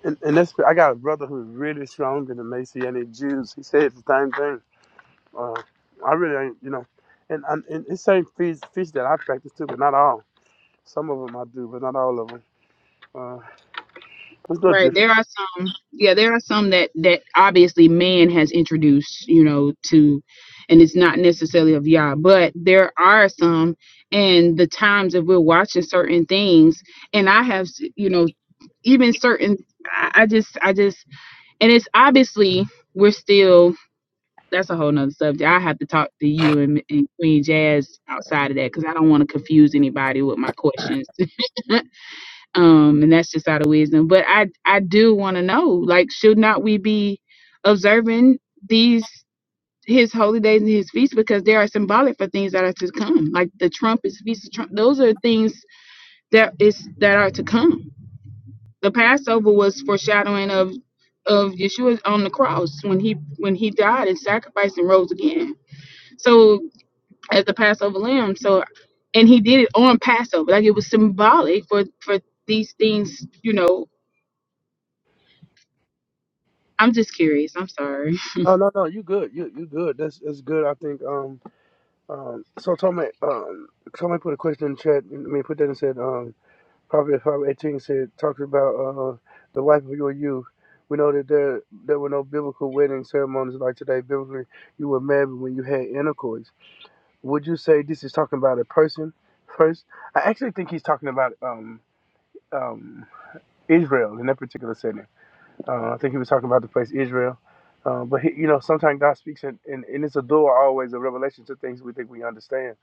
Speaker 4: And, and that's I got a brother who's really strong in the Messianic Jews. He said the same thing. Uh, I really ain't, you know, and and, and it's same fish, fish that I practice too, but not all. Some of them I do, but not all of them. Uh, it's no
Speaker 10: Right. There
Speaker 4: different.
Speaker 10: are some, yeah, there are some that that obviously man has introduced, you know, to and it's not necessarily of Yah, but there are some and the times that we're watching certain things and I have, you know, even certain I I just I just and it's obviously we're still that's a whole nother subject. I have to talk to you and, and Queen Jazz outside of that because I don't want to confuse anybody with my questions. um and that's just out of wisdom but i i do want to know like should not we be observing these his holy days and his feasts because they are symbolic for things that are to come like the trumpets feast of trump those are things that is that are to come the passover was foreshadowing of of yeshua on the cross when he when he died and sacrificed and rose again so as the passover lamb so and he did it on passover like it was symbolic for for these things you know I'm just curious. I'm sorry.
Speaker 4: No, no, no. You good. You you good. That's that's good. I think. Um. Um. So Tommy. Um. Somebody put a question in the chat. I mean, put that and said. Um. Probably five eighteen said talks about uh the wife of your youth. We know that there there were no biblical wedding ceremonies like today. Biblically, you were married when you had intercourse. Would you say this is talking about a person first? I actually think he's talking about um um Israel in that particular setting Uh, I think he was talking about the place Israel. Uh, but, he, you know, sometimes God speaks, and, and, and it's a door always, a revelation to things we think we understand.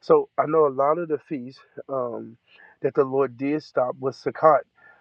Speaker 4: So I know a lot of the feasts um, that the Lord did stop was Sukkot.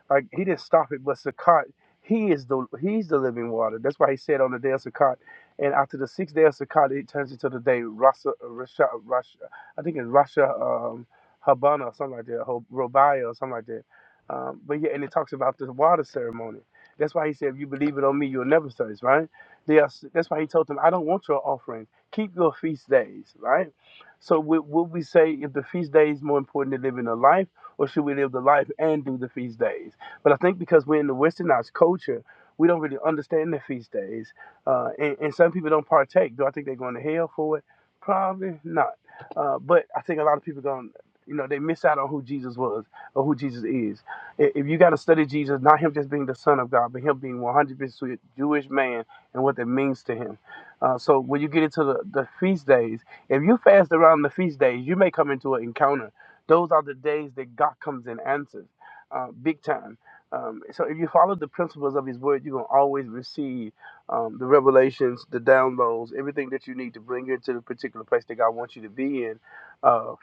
Speaker 4: Like, he didn't stop it, but Sukkot, he is the he's the living water. That's why he said on the day of Sukkot. And after the sixth day of Sukkot, it turns into the day Rasa, Rasha, Rasha, I think it's Rasha um, Habana or something like that, Ho- Robaya or something like that. Um, but yeah, and it talks about the water ceremony. That's why he said, if you believe it on me, you'll never thirst, right? They are, that's why he told them, I don't want your offering. Keep your feast days, right? So would, would we say if the feast day is more important than living a life, or should we live the life and do the feast days? But I think because we're in the westernized culture, we don't really understand the feast days, uh, and, and some people don't partake. Do I think they're going to hell for it? Probably not. Uh, but I think a lot of people going, you know, they miss out on who Jesus was or who Jesus is. I- If you got to study Jesus, not him just being the Son of God, but him being 100% Jewish man and what that means to him. Uh, so when you get into the, the feast days, if you fast around the feast days, you may come into an encounter. Those are the days that God comes and answers, uh, big time. Um, so if you follow the principles of His Word, you're gonna always receive um, the revelations, the downloads, everything that you need to bring you into the particular place that God wants you to be in. Uh,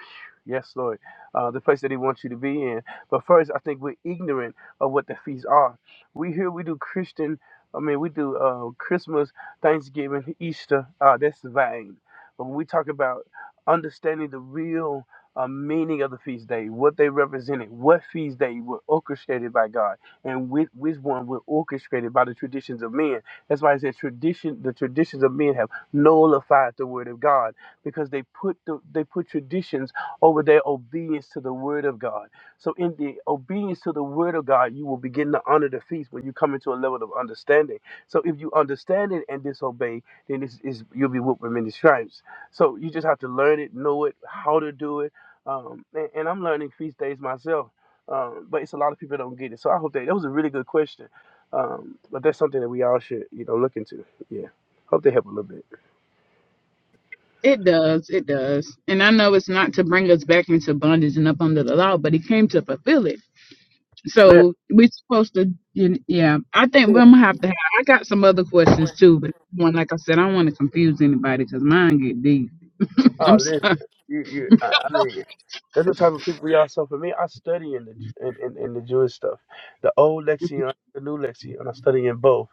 Speaker 4: yes, Lord, uh, the place that He wants you to be in. But first, I think we're ignorant of what the feasts are. We here we do Christian. I mean, we do uh, Christmas, Thanksgiving, Easter. Uh, that's vain. But when we talk about understanding the real uh, meaning of the feast day, what they represented, what feast day were orchestrated by God, and which, which one were orchestrated by the traditions of men. That's why I said tradition. The traditions of men have nullified the word of God because they put the, they put traditions over their obedience to the word of God. So in the obedience to the word of God, you will begin to honor the feast when you come into a level of understanding. So if you understand it and disobey, then it's, it's, you'll be whipped with many stripes. So you just have to learn it, know it, how to do it. Um, and, and I'm learning feast days myself, um, but it's a lot of people that don't get it. So I hope that that was a really good question. Um, but that's something that we all should, you know, look into. Yeah. Hope they help a little bit.
Speaker 10: It does. It does. And I know it's not to bring us back into bondage and up under the law, but he came to fulfill it. So
Speaker 4: Yeah.
Speaker 10: we're supposed to, you yeah. I think we're gonna have to. Have, I got some other questions too, but one, like I said, I don't want to confuse anybody because mine get deep.
Speaker 4: Oh,
Speaker 10: I'm
Speaker 4: listen,
Speaker 10: sorry.
Speaker 4: you, you, I, I mean, that's the type of people we all So for me, I study in the Ju- in, in, in the Jewish stuff, the old lexicon, the new lexicon. I study in both.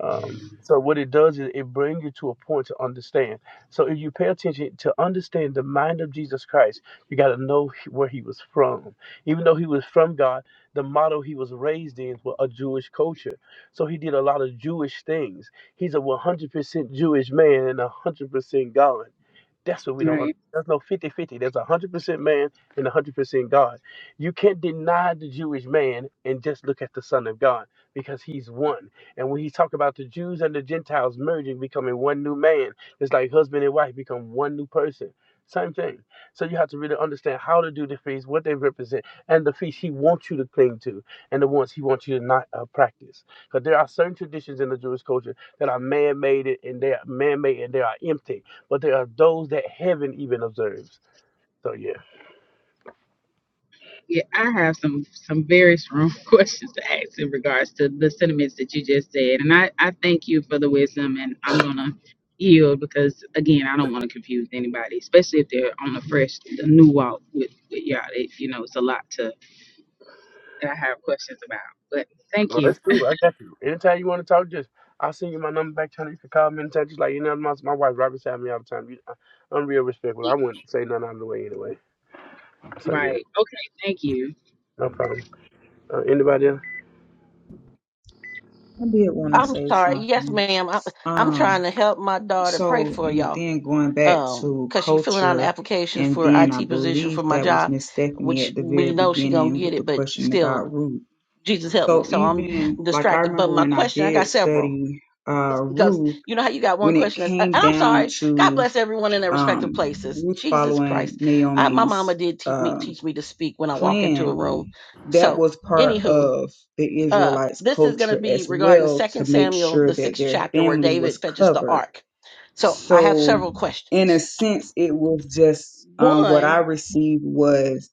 Speaker 4: Um, so what it does is it brings you to a point to understand. So if you pay attention to understand the mind of Jesus Christ, you got to know he- where he was from. Even though he was from God, the model he was raised in was a Jewish culture. So he did a lot of Jewish things. He's a 100% Jewish man and 100% God. That's what we don't
Speaker 10: Right.
Speaker 4: understand. There's no fifty-fifty. There's a 100% man and 100% God. You can't deny the Jewish man and just look at the Son of God because he's one. And when he talk about the Jews and the Gentiles merging, becoming one new man, it's like husband and wife become one new person. Same thing. So you have to really understand how to do the fees, what they represent, and the fees he wants you to cling to, and the ones he wants you to not uh, practice. Because there are certain traditions in the Jewish culture that are man-made and they are man-made and they are empty, but there are those that heaven even observes. So yeah,
Speaker 10: Yeah, I have some some very strong questions to ask in regards to the sentiments that you just said, and I I thank you for the wisdom, and I'm gonna yield because again, I don't want to confuse anybody, especially if they're on the fresh, the new walk with with y'all. It, you know, it's a lot to that I have questions about, but thank you.
Speaker 4: true. I got you. Anytime you want to talk, just I'll send you my number back channel. You can call me anytime. Just like you know, my, my wife Robin's having me all the time. You, I, I'm real respectful. I wouldn't say nothing out of the way anyway. So yeah,
Speaker 10: Right. Okay. Thank you.
Speaker 4: no problem. Uh, anybody else?
Speaker 11: I did want to
Speaker 12: I'm
Speaker 11: say
Speaker 12: sorry. Yes,
Speaker 11: something.
Speaker 12: ma'am. I'm, I'm trying
Speaker 11: Um,
Speaker 12: to help my daughter pray
Speaker 11: so
Speaker 12: for
Speaker 11: and
Speaker 12: y'all.
Speaker 11: then going back
Speaker 12: Um,
Speaker 11: to
Speaker 12: cause she's filling out an
Speaker 11: culture,
Speaker 12: application
Speaker 11: and
Speaker 12: for
Speaker 11: then I
Speaker 12: IT position for
Speaker 11: believe
Speaker 12: my
Speaker 11: that was
Speaker 12: job,
Speaker 11: Miss Stephanie
Speaker 12: which
Speaker 11: at the
Speaker 12: we
Speaker 11: very
Speaker 12: know she gonna
Speaker 11: beginning
Speaker 12: get
Speaker 11: with the
Speaker 12: it, but
Speaker 11: question
Speaker 12: still,
Speaker 11: about Ruth.
Speaker 12: Jesus help me.
Speaker 11: So
Speaker 12: So I'm
Speaker 11: even like I
Speaker 12: distracted. But
Speaker 11: remember
Speaker 12: my
Speaker 11: when I
Speaker 12: question, I got
Speaker 11: did
Speaker 12: several.
Speaker 11: study uh
Speaker 12: This- Because
Speaker 11: Ruth,
Speaker 12: you know how you got one
Speaker 11: when it
Speaker 12: question that's, and
Speaker 11: came
Speaker 12: I'm
Speaker 11: down
Speaker 12: sorry. God
Speaker 11: to
Speaker 12: bless everyone in their respective
Speaker 11: um
Speaker 12: places.
Speaker 11: Ruth
Speaker 12: Jesus
Speaker 11: following
Speaker 12: Christ, I, my mama
Speaker 11: Naomi's
Speaker 12: did teach me
Speaker 11: um
Speaker 12: teach me to speak when I walk into a room.
Speaker 11: plan that
Speaker 12: So,
Speaker 11: was part
Speaker 12: anywho,
Speaker 11: of the
Speaker 12: uh
Speaker 11: Israelites'
Speaker 12: this is going to
Speaker 11: culture
Speaker 12: be
Speaker 11: as
Speaker 12: regarding
Speaker 11: well
Speaker 12: second
Speaker 11: to make
Speaker 12: samuel
Speaker 11: sure
Speaker 12: the
Speaker 11: that
Speaker 12: sixth
Speaker 11: their
Speaker 12: chapter where
Speaker 11: family was
Speaker 12: david fetches the
Speaker 11: covered.
Speaker 12: ark so i have
Speaker 11: So,
Speaker 12: several
Speaker 11: in a
Speaker 12: questions
Speaker 11: sense, it was just um, what I
Speaker 12: one
Speaker 11: received was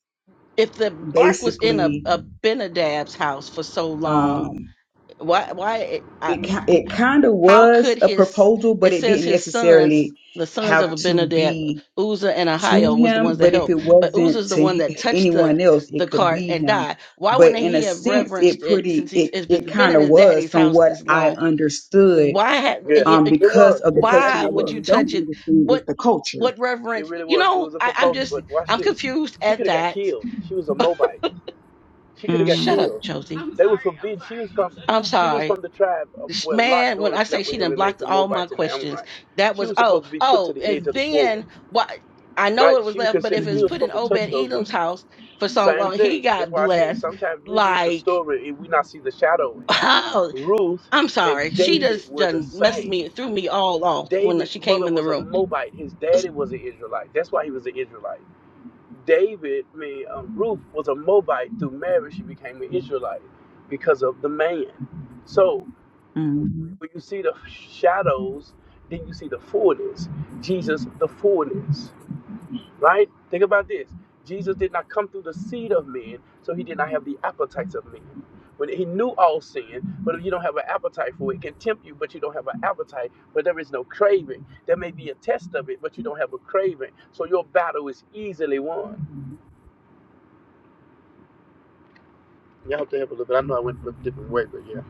Speaker 12: if the ark was in a,
Speaker 11: basically
Speaker 12: a benadab's house for so long
Speaker 11: um,
Speaker 12: why why it- I,
Speaker 11: it. ki- It kind of
Speaker 12: how
Speaker 11: was
Speaker 12: could
Speaker 11: a
Speaker 12: his
Speaker 11: proposal, but
Speaker 12: it
Speaker 11: it
Speaker 12: says
Speaker 11: didn't
Speaker 12: his sons
Speaker 11: necessarily
Speaker 12: the sons of
Speaker 11: have to
Speaker 12: Abinadab,
Speaker 11: be
Speaker 12: Uzzah and
Speaker 11: to
Speaker 12: Ahio was the
Speaker 11: him,
Speaker 12: ones that
Speaker 11: but if
Speaker 12: helped,
Speaker 11: it
Speaker 12: but
Speaker 11: wasn't
Speaker 12: Uzzah's the one
Speaker 11: to
Speaker 12: that touched the
Speaker 11: anyone else,
Speaker 12: the
Speaker 11: it could
Speaker 12: cart
Speaker 11: be
Speaker 12: and
Speaker 11: him.
Speaker 12: died. Why
Speaker 11: But
Speaker 12: wouldn't
Speaker 11: in
Speaker 12: he
Speaker 11: a
Speaker 12: have
Speaker 11: sense, it
Speaker 12: reverenced it
Speaker 11: pretty
Speaker 12: since he's
Speaker 11: it
Speaker 12: if it's
Speaker 11: it
Speaker 12: been
Speaker 11: kind
Speaker 12: in
Speaker 11: of
Speaker 12: his
Speaker 11: was
Speaker 12: daddy's
Speaker 11: from
Speaker 12: house
Speaker 11: what
Speaker 12: this
Speaker 11: I
Speaker 12: long?
Speaker 11: understood,
Speaker 12: why ha- uh,
Speaker 4: Yeah,
Speaker 12: y-
Speaker 11: um,
Speaker 12: uh,
Speaker 4: it
Speaker 11: because
Speaker 4: was.
Speaker 11: of the
Speaker 4: It, it
Speaker 11: culture.
Speaker 12: why
Speaker 11: Now,
Speaker 4: actually
Speaker 11: what I
Speaker 12: would
Speaker 4: was.
Speaker 12: you
Speaker 11: really
Speaker 12: touch
Speaker 11: don't
Speaker 12: it
Speaker 11: understand is
Speaker 12: what
Speaker 11: the culture.
Speaker 12: what
Speaker 4: It
Speaker 12: reverence
Speaker 4: really
Speaker 12: you
Speaker 4: was. It
Speaker 12: know
Speaker 4: was a
Speaker 12: I, i'm
Speaker 4: proposal,
Speaker 12: just
Speaker 4: but watch
Speaker 12: i'm
Speaker 4: this.
Speaker 12: confused
Speaker 4: She
Speaker 12: at
Speaker 4: could have got
Speaker 12: that
Speaker 4: killed. She was a Moabite. She could have got
Speaker 11: hmm
Speaker 12: shut up
Speaker 4: killed.
Speaker 12: josie
Speaker 4: They were forbidden. She was from
Speaker 12: i'm up.
Speaker 4: she was
Speaker 12: sorry
Speaker 4: from the tribe of
Speaker 12: Sh-
Speaker 4: where Lot's
Speaker 12: man when
Speaker 4: daughter
Speaker 12: i say
Speaker 4: slept
Speaker 12: she
Speaker 4: with him
Speaker 12: didn't
Speaker 4: and made
Speaker 12: block
Speaker 4: the
Speaker 12: all my
Speaker 4: Moabites and the
Speaker 12: questions
Speaker 4: Amorites.
Speaker 12: that
Speaker 4: She
Speaker 12: was
Speaker 4: was
Speaker 12: oh
Speaker 4: supposed to be put to
Speaker 12: oh
Speaker 4: the edge
Speaker 12: and
Speaker 4: of the sword,
Speaker 12: then what i know
Speaker 4: right?
Speaker 12: it was
Speaker 4: She was
Speaker 12: left but if
Speaker 4: considered. You
Speaker 12: it's
Speaker 11: hmm
Speaker 4: were
Speaker 12: put in
Speaker 4: supposed to
Speaker 12: obed
Speaker 4: touch those
Speaker 12: edom's
Speaker 4: women.
Speaker 12: house for so
Speaker 4: Same
Speaker 12: long he
Speaker 4: thing. That's
Speaker 12: got
Speaker 4: why I said
Speaker 12: blessed
Speaker 4: sometimes we read the
Speaker 12: like
Speaker 4: story and we not see the shadowing.
Speaker 12: oh
Speaker 4: Ruth
Speaker 12: i'm
Speaker 4: and
Speaker 12: sorry she
Speaker 4: David
Speaker 12: just
Speaker 4: were the
Speaker 12: done messed
Speaker 4: same.
Speaker 12: me threw me all off when
Speaker 4: David's
Speaker 12: she came
Speaker 4: mother
Speaker 12: in the
Speaker 4: was a
Speaker 12: room
Speaker 4: Moabite. His daddy was an Israelite. That's why he was an Israelite. David, I mean, um, Ruth was a Moabite through marriage. She became an Israelite because of the man. So
Speaker 11: hmm
Speaker 4: when you see the shadows, then you see the fullness. Jesus, the fullness, right? Think about this. Jesus did not come through the seed of men, so he did not have the appetites of men. When he knew all sin, but if you don't have an appetite for it, it can tempt you, but you don't have an appetite, but there is no craving. There may be a test of it, but you don't have a craving. So your battle is easily won. Yeah, I hope they help a little bit. I know I went a little different way, but yeah.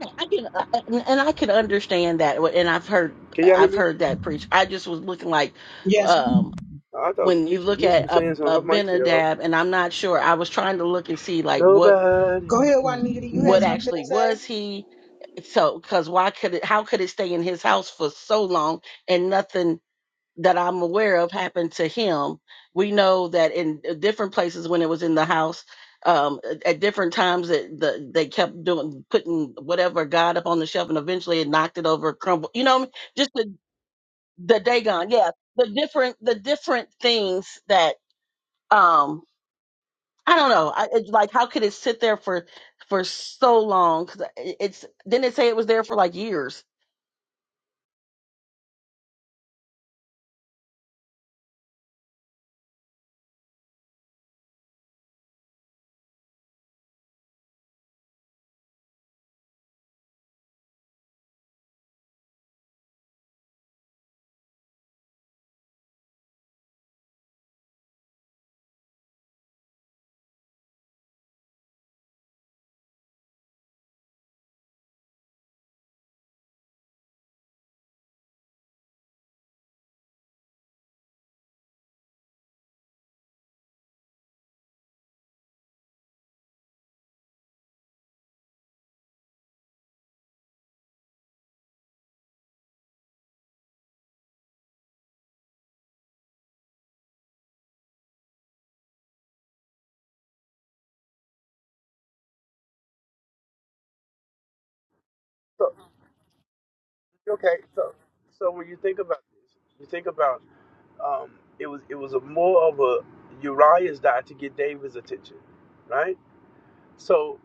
Speaker 12: Okay, I can, uh, uh, and I can understand that, and I've heard,
Speaker 4: Can y'all hear
Speaker 12: I've
Speaker 4: me?
Speaker 12: heard that preached. I just was looking like,
Speaker 1: Yes.
Speaker 12: um,
Speaker 4: I thought
Speaker 12: when you
Speaker 4: Nisha,
Speaker 12: look
Speaker 4: Nisha
Speaker 12: at
Speaker 4: was
Speaker 12: a,
Speaker 4: saying something.
Speaker 12: a
Speaker 4: Her mic's yellow.
Speaker 12: Benadab, and I'm not sure. I was trying to look and see like what,
Speaker 4: Nobody.
Speaker 1: Go ahead, Juanita. You had
Speaker 12: what
Speaker 1: something
Speaker 12: actually
Speaker 1: to say?
Speaker 12: was he? So, because why could it? How could it stay in his house for so long and nothing? that I'm aware of happened to him. We know that in uh, different places when it was in the house, um, at at different times that the, they kept doing putting whatever God up on the shelf, and eventually it knocked it over, crumbled. You know, what I mean? just the the Dagon, yeah, the different the different things that um I don't know. I, it's like how could it sit there for for so long? 'Cause uh, It it's didn't it say it was there for like years?
Speaker 4: So, okay, so so when you think about this, you think about um, it was it was a more of a Uriah's die to get David's attention, right? So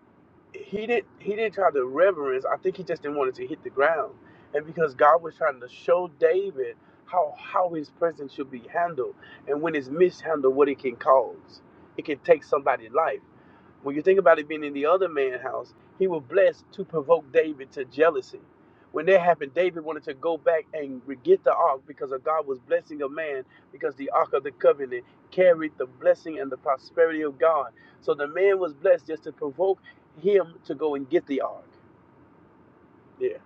Speaker 4: he did he didn't try to reverence. I think he just didn't want it to hit the ground. And because God was trying to show David how how his presence should be handled and when it's mishandled, what it can cause. It can take somebody's life. When you think about it being in the other man's house, he was blessed to provoke David to jealousy. When that happened, David wanted to go back and get the ark because of God was blessing a man because the ark of the covenant carried the blessing and the prosperity of God. So the man was blessed just to provoke him to go and get the ark. Yeah.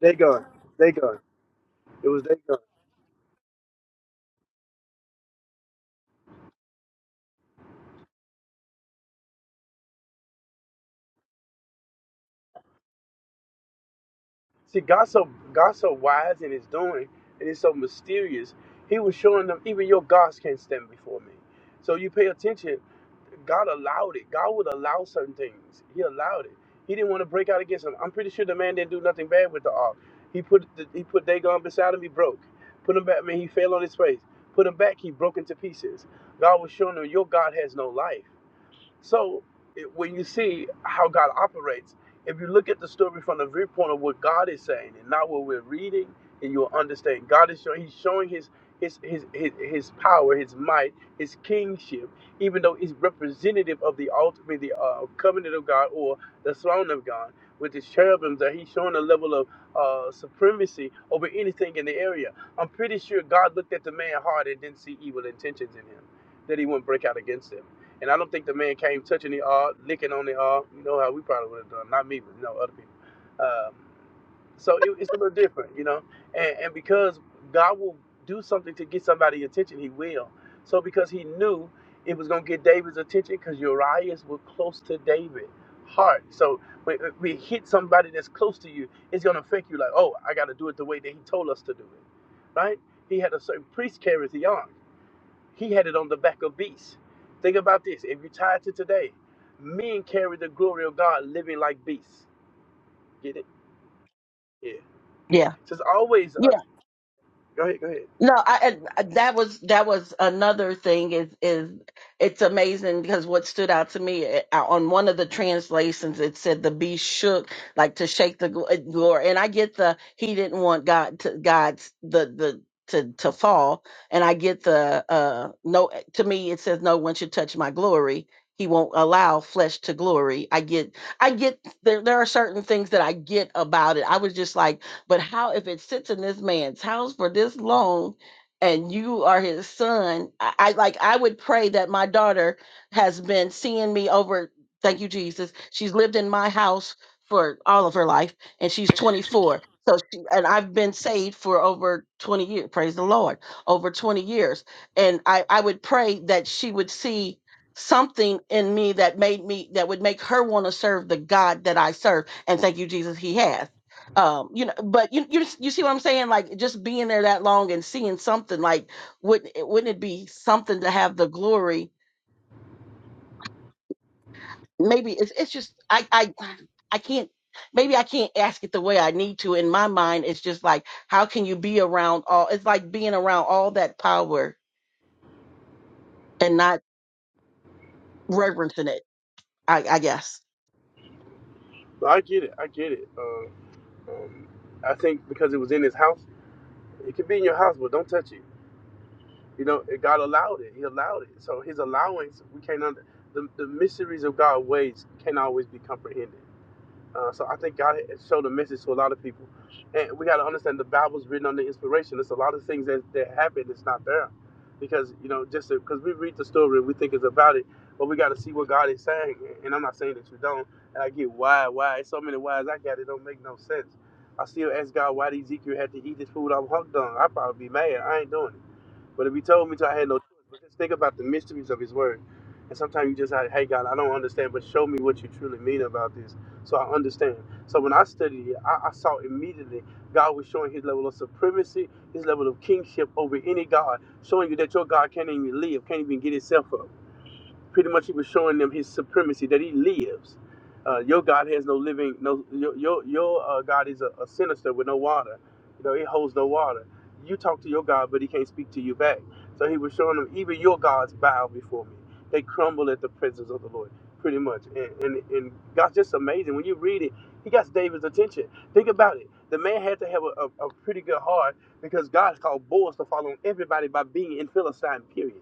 Speaker 4: They gone. They gone. It was they gone. See, God's so God's so wise in His doing, and He's so mysterious. He was showing them even your gods can't stand before me. So you pay attention. God allowed it. God would allow certain things. He allowed it. He didn't want to break out against him. I'm pretty sure the man didn't do nothing bad with the ark. He put the, he put Dagon beside him. He broke. Put him back. I mean, he fell on his face. Put him back. He broke into pieces. God was showing him your God has no life. So it, when you see how God operates, if you look at the story from the viewpoint of what God is saying and not what we're reading, and you'll understand God is showing He's showing His His His His, his power, His might, His kingship, even though He's representative of the ultimate the uh, covenant of God or the throne of God with the cherubims. That He's showing a level of uh, supremacy over anything in the area. I'm pretty sure God looked at the man's heart and didn't see evil intentions in him, that He wouldn't break out against him. And I don't think the man came touching the R, licking on the R. You know how we probably would have done. Not me, but you know other people. Um, so it, it's a little different, you know. And, and because God will do something to get somebody's attention, He will. So because He knew it was going to get David's attention, because Uriah's were close to David's heart. So when when we hit somebody that's close to you, it's going to affect you. Like, oh, I got to do it the way that He told us to do it, right? He had a certain priest carries the arm. He had it on the back of beasts. Think about this. If you tie it to today, men carry the glory of God living like beasts. Get it? Yeah.
Speaker 12: Yeah,
Speaker 4: So it's always
Speaker 12: Yeah.
Speaker 4: a. Go ahead, go ahead.
Speaker 12: No, I, I- that was that was another thing is is it's amazing because what stood out to me eh, uh, on one of the translations it said the beast shook like to shake the gl- eh, glory and I get the he didn't want God to God's the the to to fall and I get the uh no eh, to me it says no one should touch my glory he won't allow flesh to glory I get I get there there are certain things that I get about it I was just like but how if it sits in this man's house for this long and you are his son? I, I like I would pray that my daughter has been seeing me over thank you, Jesus. She's lived in my house for all of her life and she's 24. So she, and I've been saved for over 20 years, praise the Lord, over 20 years. And I, I would pray that she would see something in me that made me that would make her want to serve the God that I serve. And thank you, Jesus, he has um you know but you you you see what i'm saying like just being there that long and seeing something like wouldn't it wouldn't it be something to have the glory maybe it's it's just i i i can't maybe i can't ask it the way i need to in my mind it's just like how can you be around all it's like being around all that power and not reverencing it i i guess
Speaker 4: No, I get it. I get it. Um, um, I think because it was in his house, it could be in your house, but don't touch it. You know, it- God allowed it. He allowed it. So his allowance, we can't under. The, the mysteries of God ways can't always be comprehended. Uh, so I think God had showed a message to a lot of people, and we got to understand the Bible's written under inspiration. There's a lot of things that that happen that's not there, because you know just because we read the story and we think it's about it, but we got to see what God is saying. And I'm not saying that you don't. And I get why, why. It's so many whys I got. It don't make no sense. I still ask God why Ezekiel had to eat this food I'm hooked on. I'd probably be mad. I ain't doing it. But if he told me to, I had no choice. But just think about the mysteries of his word. And sometimes you just like, hey God, I don't understand, but show me what you truly mean about this. So I understand. So when I studied it, I, I saw immediately God was showing his level of supremacy, his level of kingship over any God, showing you that your God can't even live, can't even get itself up pretty much he was showing them his supremacy that he lives. Uh, your God has no living, no your your, your uh, God is a, a sinister with no water. You know, it holds no water. You talk to your God, but he can't speak to you back. So he was showing them even your gods bow before me. They crumble at the presence of the Lord, pretty much. And and, and God's just amazing. When you read it, he got David's attention. Think about it. The man had to have a, a, a pretty good heart because God called Boaz to follow everybody by being in Philistine, period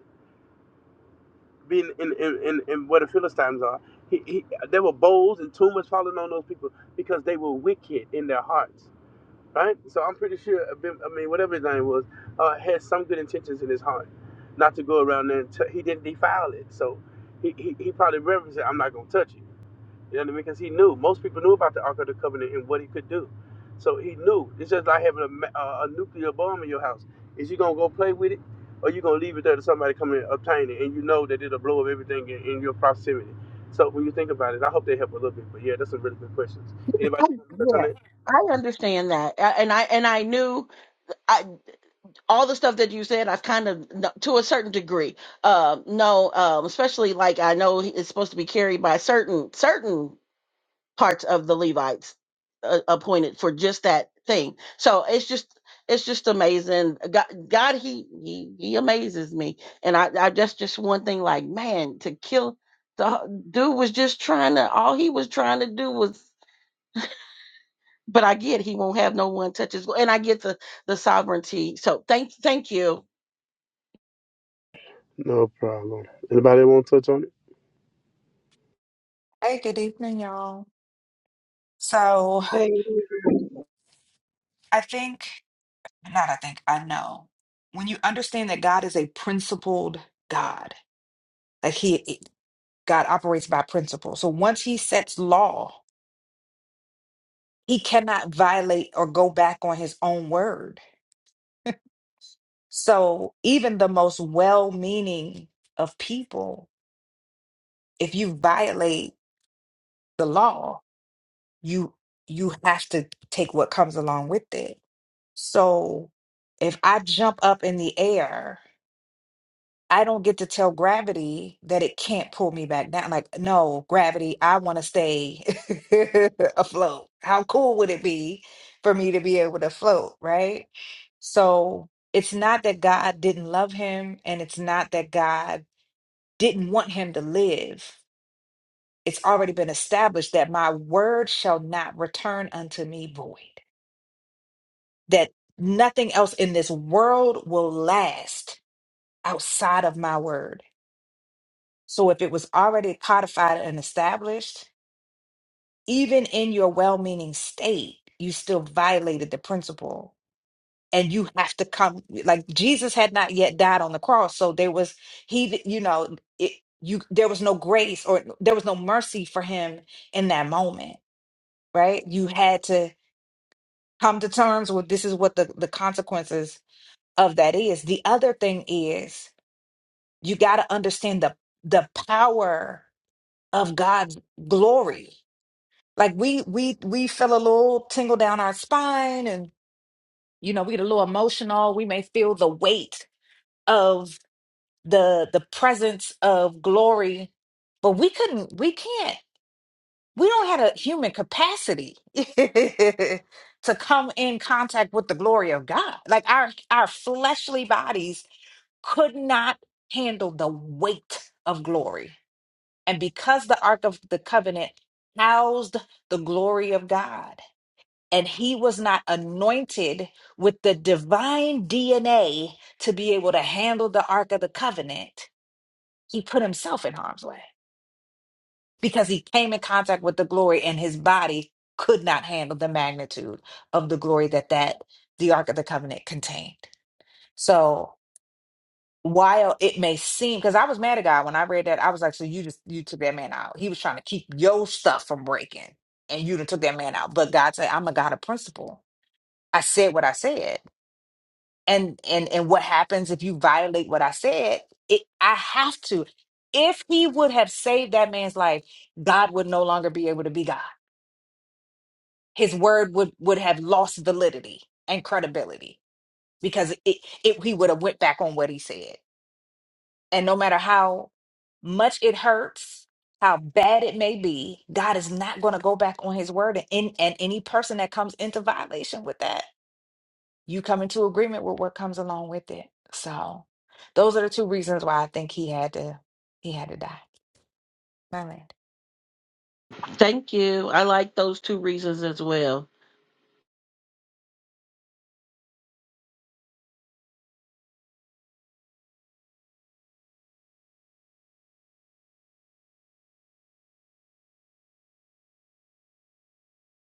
Speaker 4: being in, in, in, in where the Philistines are, he, he, there were bowls and tumors falling on those people because they were wicked in their hearts, right? So I'm pretty sure, Abim- I mean, whatever his name was, uh, had some good intentions in his heart, not to go around there. And t- he didn't defile it, so he, he, he probably reverenced it. I'm not gonna touch it. You know what I mean? Because he knew. Most people knew about the Ark of the Covenant and what he could do. So he knew. It's just like having a, a, nuclear bomb in your house. Is you going to go play with it or you going to leave it there to somebody come and obtain it and you know that it'll blow up everything in, in your proximity? So when you think about it, I hope they help a little bit. But yeah, that's some really good questions.
Speaker 12: I,
Speaker 4: Anybody want to touch on
Speaker 12: yeah
Speaker 4: it?
Speaker 12: i understand that A- and i and i knew I. all the stuff that you said, I've kind of, kn- to a certain degree, uh, know, um, especially like I know it's supposed to be carried by certain certain parts of the Levites uh, appointed for just that thing. So it's just it's just amazing. God, God he he he amazes me, and I, I that's just one thing. Like man, to kill the dude was just trying to all he was trying to do was. But I get he won't have no one touches, and I get the the sovereignty. So thank thank you.
Speaker 4: No problem. Anybody want to touch on it?
Speaker 13: Hey, good evening, y'all. So
Speaker 1: Hey.
Speaker 13: I think, not I think, I know. When you understand that God is a principled God, like he, eh, God operates by principle. So once he sets law, he cannot violate or go back on his own word. So even the most well-meaning of people, if you violate the law, you you have to take what comes along with it. So if I jump up in the air I don't get to tell gravity that it can't pull me back down. Like, no, gravity, I want to stay afloat. How cool would it be for me to be able to float, right? So it's not that God didn't love him, and it's not that God didn't want him to live. It's already been established that my word shall not return unto me void, that nothing else in this world will last outside of my word. So if it was already codified and established, even in your well meaning state, you still violated the principle. And you have to come, like Jesus had not yet died on the cross. So there was, he, you know, it, you, there was no grace or there was no mercy for him in that moment, right? You had to come to terms with this is what the, the consequences of that is. The other thing is you got to understand the, the power of God's glory like we we we feel a little tingle down our spine and you know we get a little emotional we may feel the weight of the the presence of glory but we couldn't we can't we don't have a human capacity to come in contact with the glory of god like our our fleshly bodies could not handle the weight of glory and because the ark of the covenant housed the glory of god and he was not anointed with the divine DNA to be able to handle the Ark of the Covenant, he put himself in harm's way because he came in contact with the glory and his body could not handle the magnitude of the glory that that the Ark of the Covenant contained. So while it may seem because I was mad at God when I read that, I was like, so you just you took that man out. He was trying to keep your stuff from breaking and you done took that man out. But God said, I'm a God of principle. I said what I said. and and and what happens if you violate what i said it i have to if he would have saved that man's life god would no longer be able to be god his word would would have lost validity and credibility because it, it he would have went back on what he said and no matter how much it hurts how bad it may be god is not going to go back on his word and and and any person that comes into violation with that you come into agreement with what comes along with it. So those are the two reasons why I think he had to he had to die. My land.
Speaker 12: Thank you. I like those two reasons as well.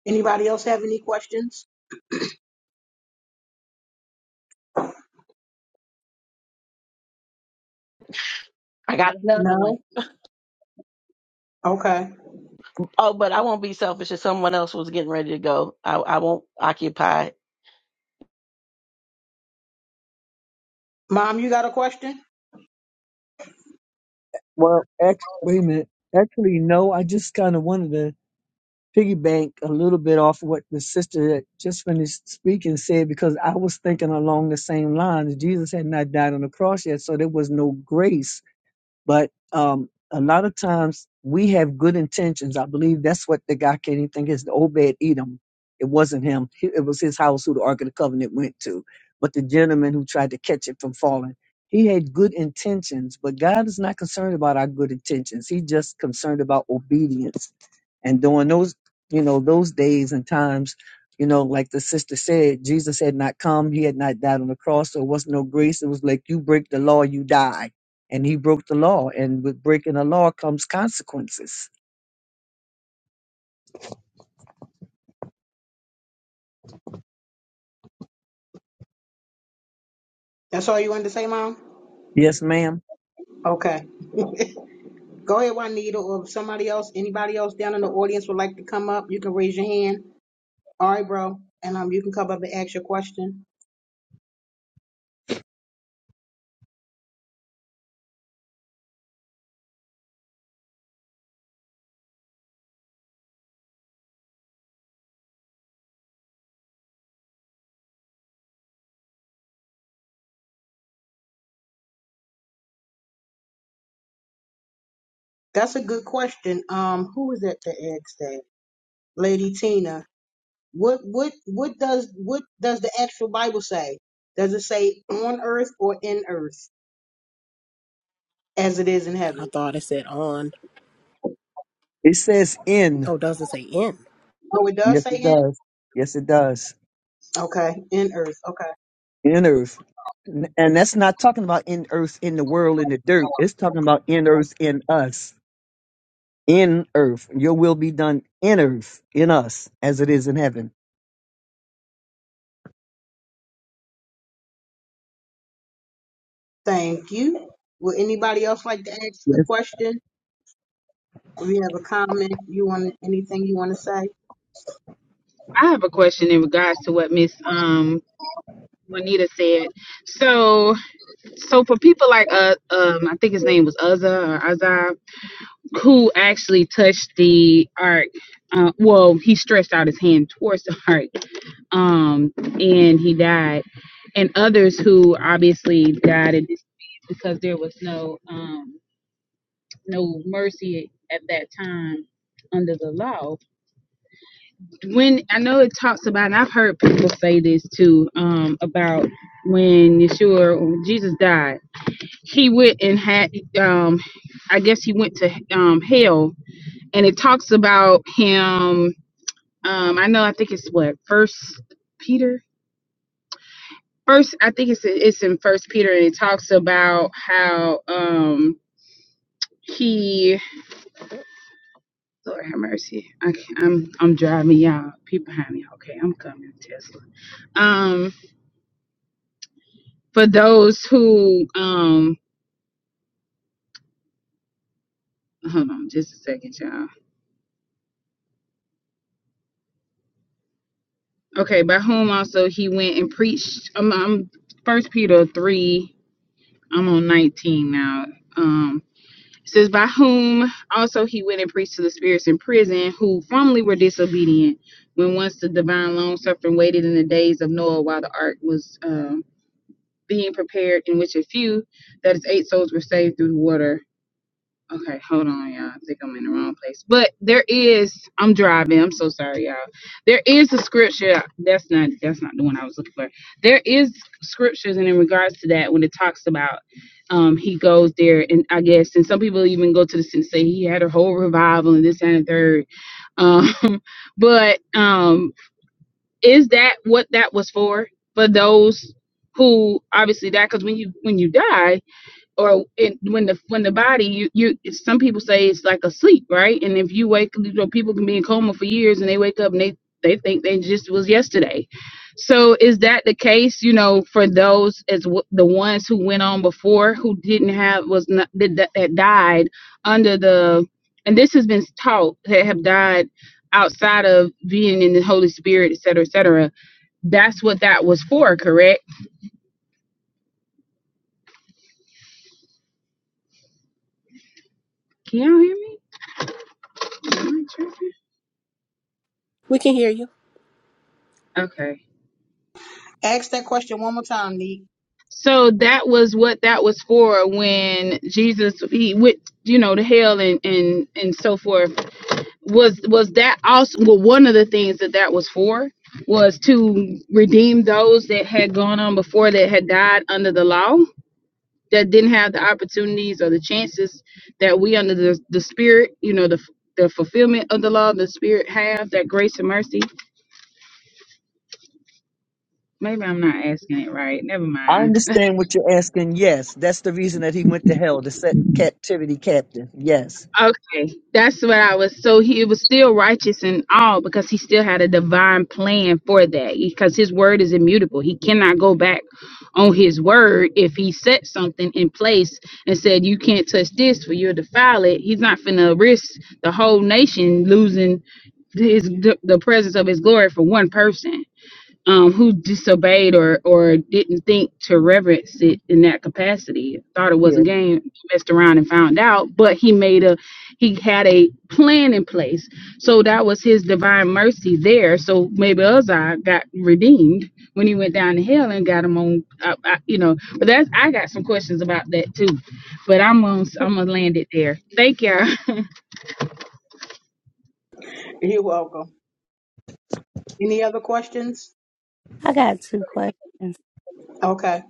Speaker 1: Anybody else have any questions?
Speaker 12: I got another one.
Speaker 1: No. Okay.
Speaker 12: Oh, but I won't be selfish if someone else was getting ready to go. I, I won't occupy.
Speaker 1: Mom, you got a question?
Speaker 14: Well, act, wait a minute. Actually, no, I just kind of wanted to piggyback a little bit off what the sister that just finished speaking said because I was thinking along the same lines. Jesus had not died on the cross yet, so there was no grace but um, a lot of times we have good intentions. I believe that's what the guy can't even think is the Obed Edom. It wasn't him. He- It was his house who the Ark of the Covenant went to. But the gentleman who tried to catch it from falling, he had good intentions. But God is not concerned about our good intentions. He's just concerned about obedience. And during those, you know, those days and times, you know, like the sister said, Jesus had not come. He had not died on the cross. There was no grace. It was like you break the law, you die and he broke the law. And with breaking the law comes consequences.
Speaker 1: That's all you wanted to say, Mom?
Speaker 14: Yes, ma'am.
Speaker 1: Okay. Go ahead, Juanita, or if somebody else, anybody else down in the audience would like to come up, you can raise your hand. All right, bro. And um, you can come up and ask your question. That's a good question. Um, who was at the asked that? Lady Tina. What what what does what does the actual Bible say? Does it say on earth or in earth as it is in
Speaker 15: I
Speaker 1: heaven?
Speaker 15: thought it said on.
Speaker 14: It says in.
Speaker 15: Oh, it doesn't say in.
Speaker 1: Oh, it does
Speaker 14: Yes,
Speaker 1: say
Speaker 14: it
Speaker 1: in.
Speaker 14: does. Yes, it does.
Speaker 1: Okay, in earth. Okay,
Speaker 14: In earth. N- And that's not talking about in earth, in the world, in the dirt. It's talking about in earth, in us. In earth. Your will be done in earth, in us, as it is in heaven.
Speaker 1: thank you. Would anybody else like to ask a
Speaker 14: Yes.
Speaker 1: question? If you have a comment, you want anything you want to say?
Speaker 10: I have a question in regards to what Miss um Juanita said. So so for people like uh um I think his name was Uzza or Azza who actually touched the ark. Uh, well, he stretched out his hand towards the ark, um, and he died. And others who obviously died in this because there was no um, no mercy at that time under the law. When I know it talks about, and I've heard people say this too um, about when Yeshua, when Jesus died, he went and had. Um, I guess he went to um, hell and it talks about him. Um, I know. I think it's what First Peter. First, I think it's it's in First Peter, and it talks about how um he. Lord have mercy. I can't, I'm I'm driving y'all. People behind me. Okay, I'm coming. Tesla. Um, for those who um. Hold on, just a second, y'all. Okay, by whom also he went and preached. Um, I'm First Peter three. I'm on 19 now. Um, It says, By whom also he went and preached to the spirits in prison, who formerly were disobedient, when once the divine long suffering waited in the days of Noah while the ark was um, being prepared, in which a few, that is, eight souls, were saved through the water. Okay, hold on, y'all. I think I'm in the wrong place. But there is, I'm driving. I'm so sorry, y'all. There is a scripture. That's not that's not the one I was looking for. There is scriptures, and in regards to that, when it talks about, um, he goes there, and I guess, and some people even go to the and say he had a whole revival and this that, and the third. Um, but um, is that what that was for? For those who obviously that because when you when you die or it, when the when the body you you some people say it's like a sleep right and if you wake you know people can be in coma for years and they wake up and they they think they just was yesterday so is that the case you know for those as w- the ones who went on before who didn't have was not that, that that died under the and this has been taught that have died outside of being in the holy spirit et cetera et cetera that's what that was for correct can y'all hear me Am I tripping?
Speaker 15: We can hear you.
Speaker 10: okay
Speaker 1: Ask that question one more time, Neek.
Speaker 10: So that was what that was for when Jesus he went, you know, to hell and and and so forth. Was was that also well one of the things that that was for was to redeem those that had gone on before that had died under the law that didn't have the opportunities or the chances that we under the the spirit, you know, the the fulfillment of the law, the spirit have that grace and mercy. Maybe I'm not asking it right. Never
Speaker 14: I
Speaker 10: mind.
Speaker 14: understand what you're asking. Yes. That's the reason that he went to hell, to set captivity captive. Yes.
Speaker 10: Okay, that's what I was. So he was still righteous in all because he still had a divine plan for that. Because his word is immutable. He cannot go back on his word if he set something in place and said, You can't touch this for you'll defile it. He's not finna risk the whole nation losing his the presence of his glory for one person um, who disobeyed or, or didn't think to reverence it in that capacity, thought it was a
Speaker 14: Yeah.
Speaker 10: game, messed around and found out, but he made a, he had a plan in place. So that was his divine mercy there. So maybe Uzziah got redeemed when he went down to hell and got him on, I, I, you know, but that's, I got some questions about that too, but I'm going to I'm going to land it there. Thank you.
Speaker 1: You're welcome. Any other questions?
Speaker 2: I got two questions.
Speaker 1: Okay.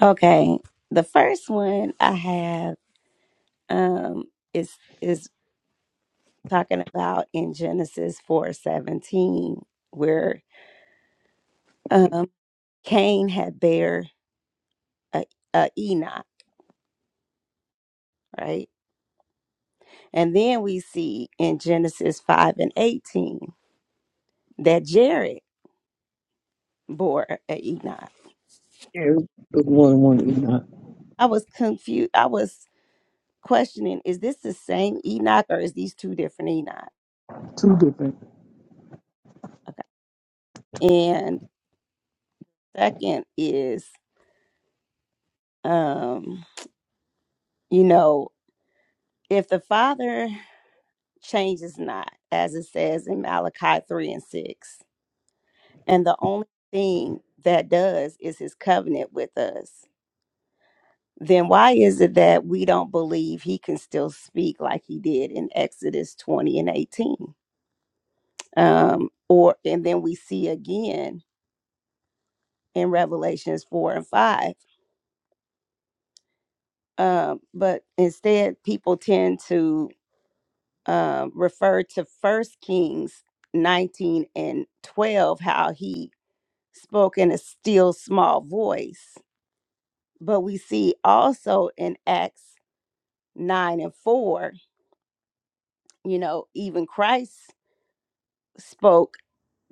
Speaker 2: Okay, the first one I have um, is is talking about in Genesis four seventeen. where. um, Cain had bear a, a Enoch, right? And then we see in Genesis five and eighteen that Jared bore a Enoch.
Speaker 14: yeah. It was One, one, you know,
Speaker 2: I was confused. I was questioning: Is this the same Enoch, or is these two different Enoch?
Speaker 14: two different.
Speaker 2: Okay. And second is, um, you know, if the father changes not, as it says in Malachi three and six, and the only thing that does is his covenant with us, then why is it that we don't believe he can still speak like he did in Exodus 20 and 18? Um, or and then we see again in Revelations 4 and 5. Um, but instead, people tend to um, refer to First Kings 19 and 12, how he spoke in a still small voice. But we see also in Acts 9 and 4, you know, even Christ spoke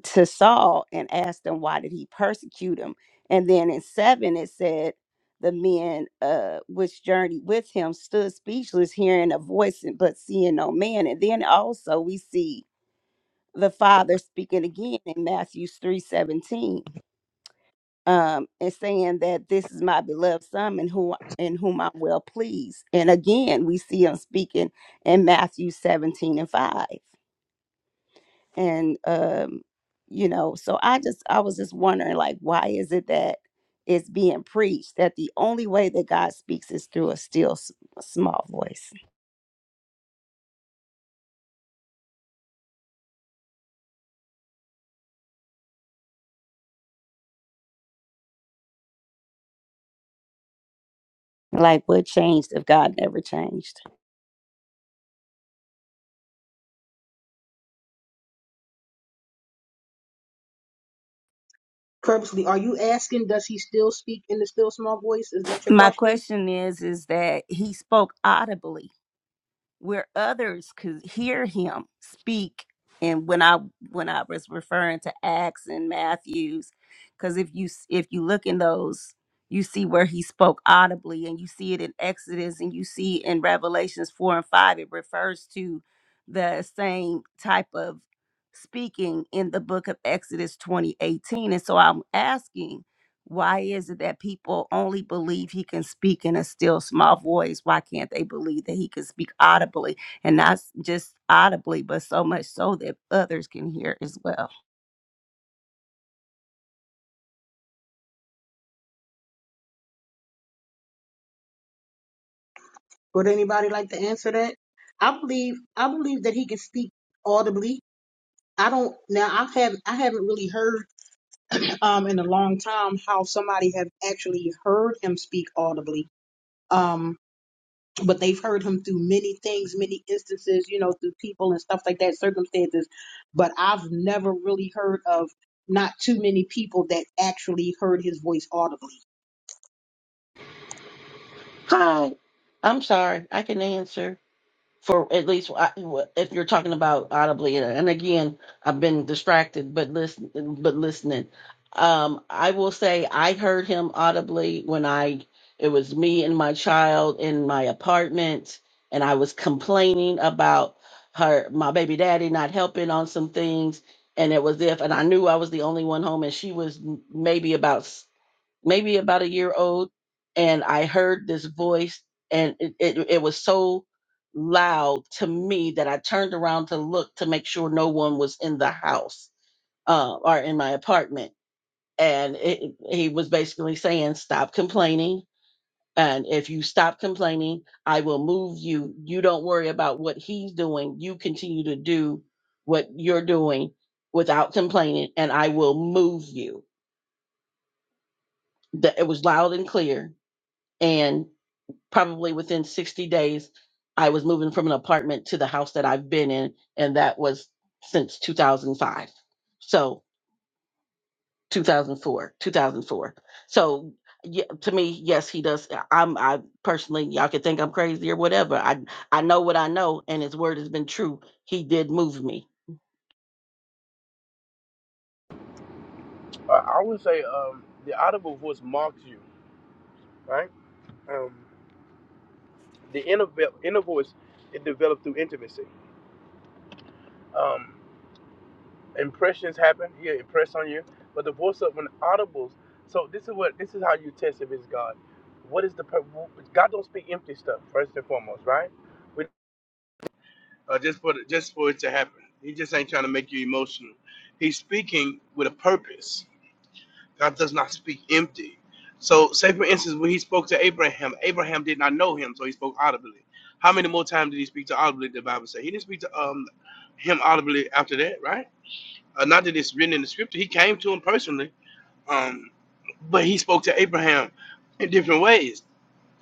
Speaker 2: to Saul and asked him, Why did he persecute him? And then in 7, it said, The men uh, which journeyed with him stood speechless, hearing a voice, and- but seeing no man. And then also we see the Father speaking again in Matthew three seventeen, Um, and saying that this is my beloved son in whom, in whom I'm well pleased. And again, we see him speaking in Matthew 17 and 5. and um you know so i just i was just wondering like why is it that it's being preached that the only way that god speaks is through a still s- small voice like what changed if god never changed
Speaker 1: Purposely, are you asking, does he still speak in the still small voice? Is that your
Speaker 2: my
Speaker 1: question?
Speaker 2: question is is that he spoke audibly where others could hear him speak and when i when i was referring to acts and matthews because if you s- if you look in those you see where he spoke audibly and you see it in exodus and you see in revelations 4 and 5 it refers to the same type of speaking in the book of exodus 2018 and so i'm asking why is it that people only believe he can speak in a still small voice? Why can't they believe that he can speak audibly and not s- just audibly, but so much so that others can hear as well?
Speaker 1: Would anybody like to answer that? I believe, I believe that he can speak audibly. I don't, now I haven't, I haven't really heard, um, in a long time how somebody have actually heard him speak audibly. Um, but they've heard him through many things, many instances, you know, through people and stuff like that, circumstances. But I've never really heard of not too many people that actually heard his voice audibly.
Speaker 12: Hi. I'm sorry. I can answer. for at least I- if you're talking about audibly and again i've been distracted but listen but listening um i will say i heard him audibly when i it was me and my child in my apartment and i was complaining about her my baby daddy not helping on some things and it was if and i knew i was the only one home and she was maybe about maybe about a year old and i heard this voice and it, it, it was so loud to me that i turned around to look to make sure no one was in the house uh, or in my apartment and it, he was basically saying stop complaining and if you stop complaining i will move you you don't worry about what he's doing you continue to do what you're doing without complaining and i will move you that it was loud and clear and probably within 60 days, I was moving from an apartment to the house that I've been in, and that was since 2005. So 2004, 2004. So yeah, to me, yes, he does. I'm, I personally, y'all could think I'm crazy or whatever. I, I know what I know, and his word has been true. He did move me.
Speaker 4: Uh, I would say um, the audible voice marks you, right? Um, the inner, ve- inner voice, it developed through intimacy. Um, impressions happen. He'll impress on you. But the voice of an audibles. So this is what this is how you test if it's God. What is the pur- God don't speak empty stuff first and foremost, right? We, Uh, just for the, just for it to happen. He just ain't trying to make you emotional. He's speaking with a purpose. God does not speak empty. So, say for instance, when he spoke to Abraham, Abraham did not know him, so he spoke audibly. How many more times did he speak to audibly? The Bible says he didn't speak to um him audibly after that, right? Uh, not that it's written in the scripture. He came to him personally, um, but he spoke to Abraham in different ways.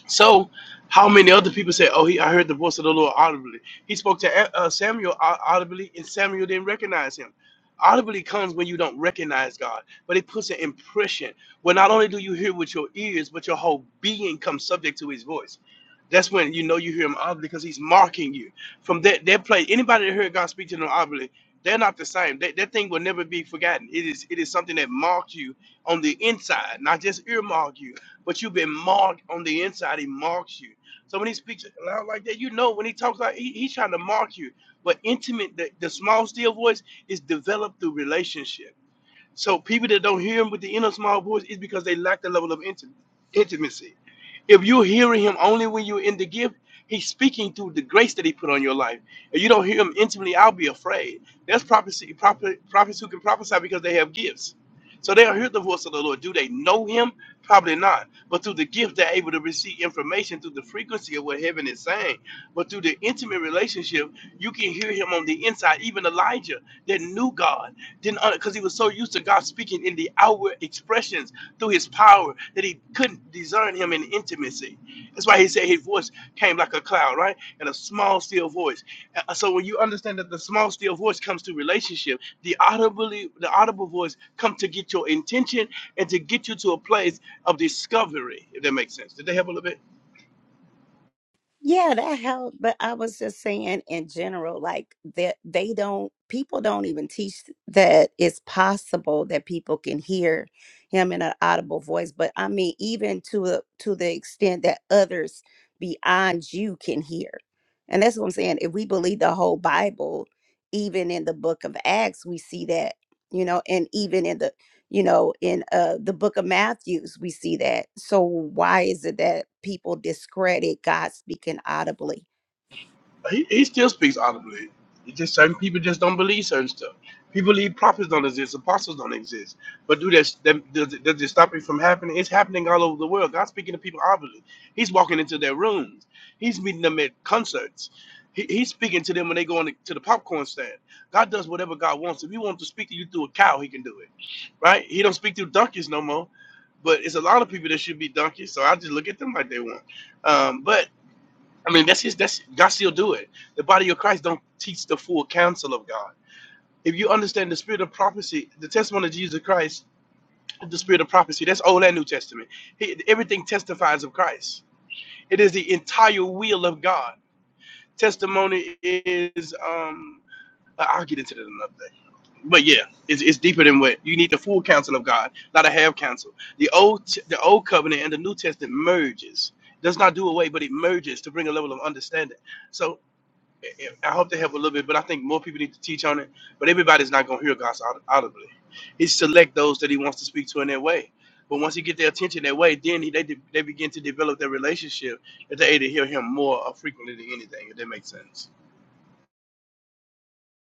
Speaker 4: So, how many other people say, "Oh, he, I heard the voice of the Lord audibly." He spoke to uh, Samuel au- audibly, and Samuel didn't recognize him. Audibly comes when you don't recognize God, but it puts an impression. Well, not only do you hear with your ears, but your whole being comes subject to His voice. That's when you know you hear Him audibly because He's marking you. From that that place, anybody that heard God speak to them audibly, they're not the same. That, that thing will never be forgotten. It is it is something that marked you on the inside, not just earmark you but you've been marked on the inside. He marks you. So when he speaks loud like that, you know when he talks like he, he's trying to mark you. But intimate, the, the small still voice is developed through relationship. So people that don't hear him with the inner small voice is because they lack the level of intim- intimacy. If you're hearing him only when you're in the gift, he's speaking through the grace that he put on your life. If you don't hear him intimately, I'll be afraid. That's prophecy. Prophet, prophets who can prophesy because they have gifts so they'll hear the voice of the Lord. Do they know him? Probably not. But through the gift, they're able to receive information through the frequency of what heaven is saying. But through the intimate relationship, you can hear him on the inside. Even Elijah that knew God didn't because he was so used to God speaking in the outward expressions through his power that he couldn't discern him in intimacy. That's why he said his voice came like a cloud, right? And a small, still voice. Uh, So when you understand that the small, still voice comes to relationship, the audibly, the audible voice comes to get your intention and to get you to a place of discovery. If that makes sense. Did they help a little bit?
Speaker 2: Yeah, that helped. But I was just saying in general, like that they don't people don't even teach that it's possible that people can hear him in an audible voice. But I mean, even to a, to the extent that others beyond you can hear. And that's what I'm saying. If we believe the whole Bible, even in the book of Acts, we see that, you know, and even in the you know in uh the book of matthews we see that so why is it that people discredit god speaking audibly
Speaker 4: He, he still speaks audibly. It's just certain people just don't believe certain stuff. People believe prophets don't exist, apostles don't exist. But do that, that does, it, does it stop it from happening? It's happening all over the world. God's speaking to people audibly. He's walking into their rooms. He's meeting them at concerts. He, he's speaking to them when they go on to the popcorn stand. God does whatever God wants. If He wants to speak to you through a cow, He can do it, right? He don't speak through donkeys no more. But it's a lot of people that should be donkeys, so I just look at them like they want. Um, but I mean, that's his. That's God still do it. The body of Christ don't teach the full counsel of God. If you understand the spirit of prophecy, the testimony of Jesus Christ, the spirit of prophecy, that's Old and New Testament. He, everything testifies of Christ. It is the entire will of God. Testimony is. um I- I'll get into that another day. But yeah, it's, it's deeper than what you need the full counsel of God, not a half counsel. The old the old covenant and the New Testament merges. Does not do away, but it merges to bring a level of understanding. So I hope they help a little bit, but I think more people need to teach on it. But everybody's not going to hear God's aud- audibly. He select those that he wants to speak to in that way. But once he get their attention that way, then he, they de- they begin to develop their relationship that they to hear him more uh, frequently than anything. If that makes sense.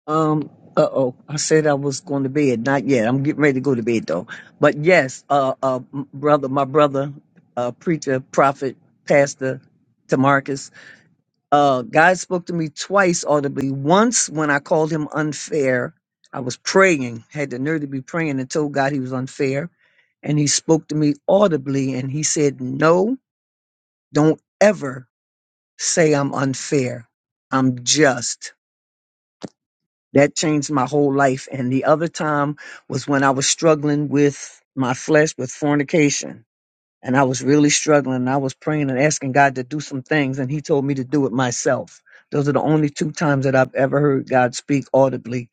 Speaker 14: Um, uh oh, I said I was going to bed. Not yet. I'm getting ready to go to bed though. But yes, uh, uh, m- brother, my brother, uh, preacher, prophet, pastor, Tamarcus, uh, God spoke to me twice audibly. Once when I called him unfair, I was praying, had the nerve to be praying and told God he was unfair. And he spoke to me audibly and he said, No, don't ever say I'm unfair. I'm just. that changed my whole life. And the other time was when I was struggling with my flesh with fornication. And I was really struggling. I was praying and asking God to do some things, and He told me to do it myself. Those are the only two times that I've ever heard God speak audibly.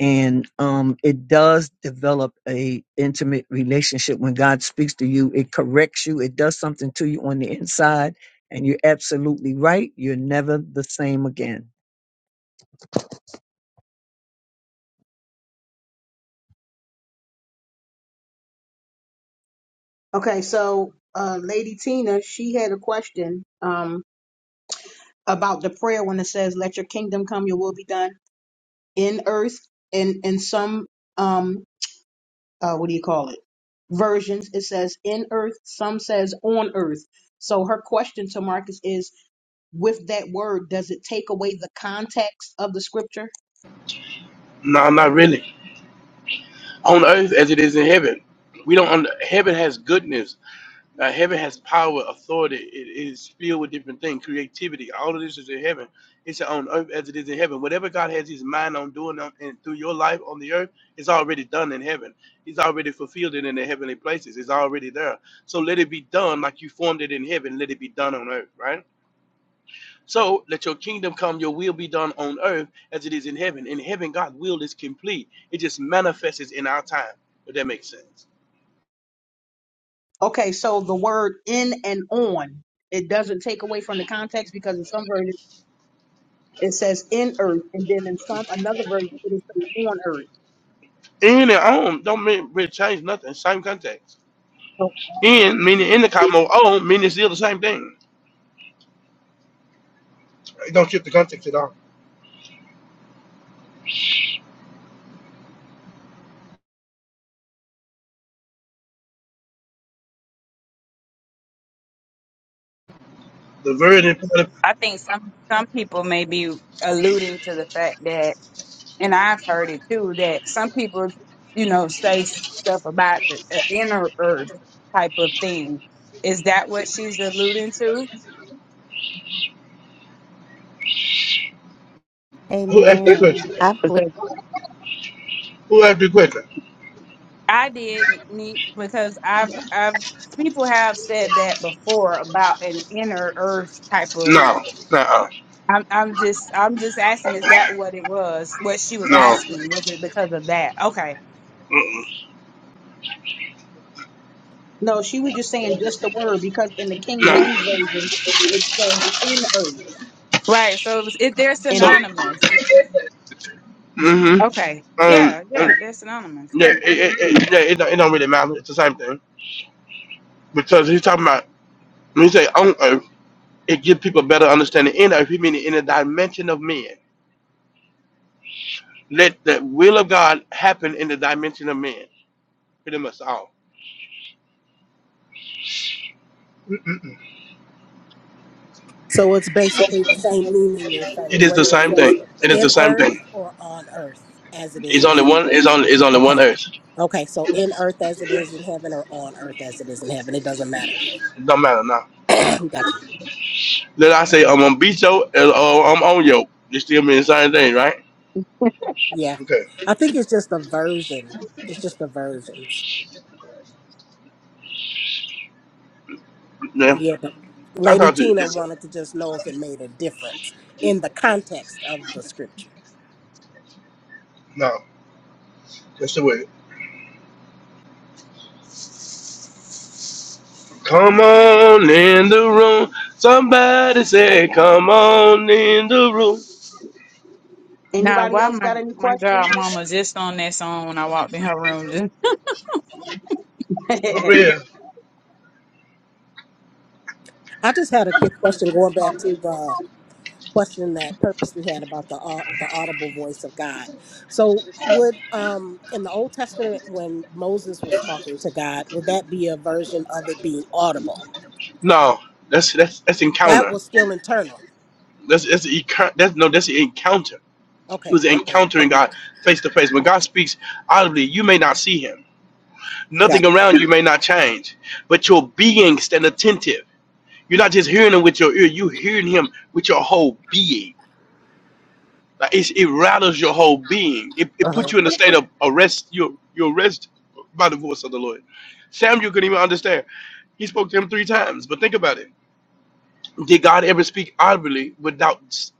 Speaker 14: And um, it does develop a intimate relationship when God speaks to you. It corrects you. It does something to you on the inside. And you're absolutely right. You're never the same again.
Speaker 1: Okay, so uh, Lady Tina, she had a question um, about the prayer when it says, "Let your kingdom come, your will be done in earth." In in some um, uh, what do you call it? Versions it says in earth. Some says on earth. So her question to Marcus is, with that word, does it take away the context of the scripture?
Speaker 4: No, not really. On earth as it is in heaven, we don't. Under, heaven has goodness. Now, heaven has power, authority. It is filled with different things, creativity. All of this is in heaven. It's on earth as it is in heaven. Whatever God has His mind on doing on, and through your life on the earth is already done in heaven. He's already fulfilled it in the heavenly places. It's already there. So let it be done like you formed it in heaven. Let it be done on earth, right? So let your kingdom come. Your will be done on earth as it is in heaven. In heaven, God's will is complete. It just manifests in our time. If that makes sense.
Speaker 1: Okay, so the word in and on, it doesn't take away from the context because in some versions It says in earth, and then in some another version it is on earth.
Speaker 4: In and on don't really change nothing. Same context.
Speaker 1: So,
Speaker 4: In meaning in the cosmos, on meaning it's still the same thing. It don't shift the context at all. The very important.
Speaker 10: I think some some people may be alluding to the fact that and I've heard it too that some people, you know, say stuff about the uh, inner earth type of thing. Is that what she's alluding to?
Speaker 4: Who asked the
Speaker 2: Amen.
Speaker 4: question?
Speaker 2: I believe
Speaker 10: Because
Speaker 4: Who asked the question?
Speaker 10: I did need because I've I've people have said that before about an inner earth type of.
Speaker 4: No, no,
Speaker 10: I'm I'm just I'm just asking is that what it was? What she was
Speaker 4: no,
Speaker 10: asking was it because of that? Okay,
Speaker 4: Mm-mm.
Speaker 1: no, she was just saying just the word because in the King
Speaker 4: no.
Speaker 1: James version it says in earth.
Speaker 10: right. So it was, it, they're
Speaker 1: And
Speaker 4: So,
Speaker 10: synonymous.
Speaker 4: hmm
Speaker 10: Okay,
Speaker 4: um,
Speaker 10: yeah,
Speaker 4: um,
Speaker 10: yeah, they're synonymous.
Speaker 4: yeah, it, it, it, yeah, it, don't, it don't really matter. It's the same thing because he's talking about when he say on earth, it gives people better understanding in earth. He meaning in the dimension of men. Let the will of God happen in the dimension of men. Pretty much all.
Speaker 15: So it's basically the same meaning you're
Speaker 4: It
Speaker 15: saying,
Speaker 4: is the
Speaker 15: whether it
Speaker 4: same
Speaker 15: says
Speaker 4: thing. It is the
Speaker 15: in
Speaker 4: same thing.
Speaker 15: earth or on earth as it is
Speaker 4: It's
Speaker 15: in
Speaker 4: only
Speaker 15: heaven.
Speaker 4: one. It's only. It's only one
Speaker 15: Okay.
Speaker 4: Earth.
Speaker 15: Okay. So in earth as it is in heaven or on earth as it is in heaven. It doesn't matter.
Speaker 4: It don't matter now.
Speaker 15: Got you.
Speaker 4: Let I say I'm on beat yo or I'm on yo. It still mean the same thing, right?
Speaker 15: Yeah.
Speaker 4: Okay.
Speaker 15: I think it's just a version. It's just the versions.
Speaker 4: Yeah.
Speaker 15: Yeah. but
Speaker 4: I
Speaker 15: Lady
Speaker 4: thought you.
Speaker 15: Tina
Speaker 4: it's a,
Speaker 15: wanted to just know if it made a difference in the context of the scripture.
Speaker 4: No. That's the way. Come on in the room. Somebody said, "Come on in the room."
Speaker 10: Now,
Speaker 1: anybody
Speaker 10: why
Speaker 1: else
Speaker 10: my
Speaker 1: got any
Speaker 10: my
Speaker 1: questions?
Speaker 10: god, mama just on that song when I walked in her room, just
Speaker 1: yeah,
Speaker 4: For real.
Speaker 15: I just had a quick question going back to the question that purpose we had about the au- the audible voice of God. So would um in the Old Testament when Moses was talking to God, would that be a version of it being audible?
Speaker 4: No, that's that's that's
Speaker 15: That
Speaker 4: encounter.
Speaker 15: was still internal.
Speaker 4: That's that's the encou- that's no, that's the encounter. He
Speaker 15: Okay.
Speaker 4: was
Speaker 15: Okay.
Speaker 4: encountering God face to face. When God speaks audibly, you may not see Him.
Speaker 15: Got. It.
Speaker 4: Nothing around you may not change, but your being stand attentive. You're not just hearing him with your ear, you're hearing him with your whole being. Like it's, it rattles your whole being. It, it puts
Speaker 15: Uh-huh.
Speaker 4: you in a state of arrest. You're, you're arrested by the voice of the Lord. Samuel couldn't even understand. He spoke to him three times, but think about it. Did God ever speak audibly without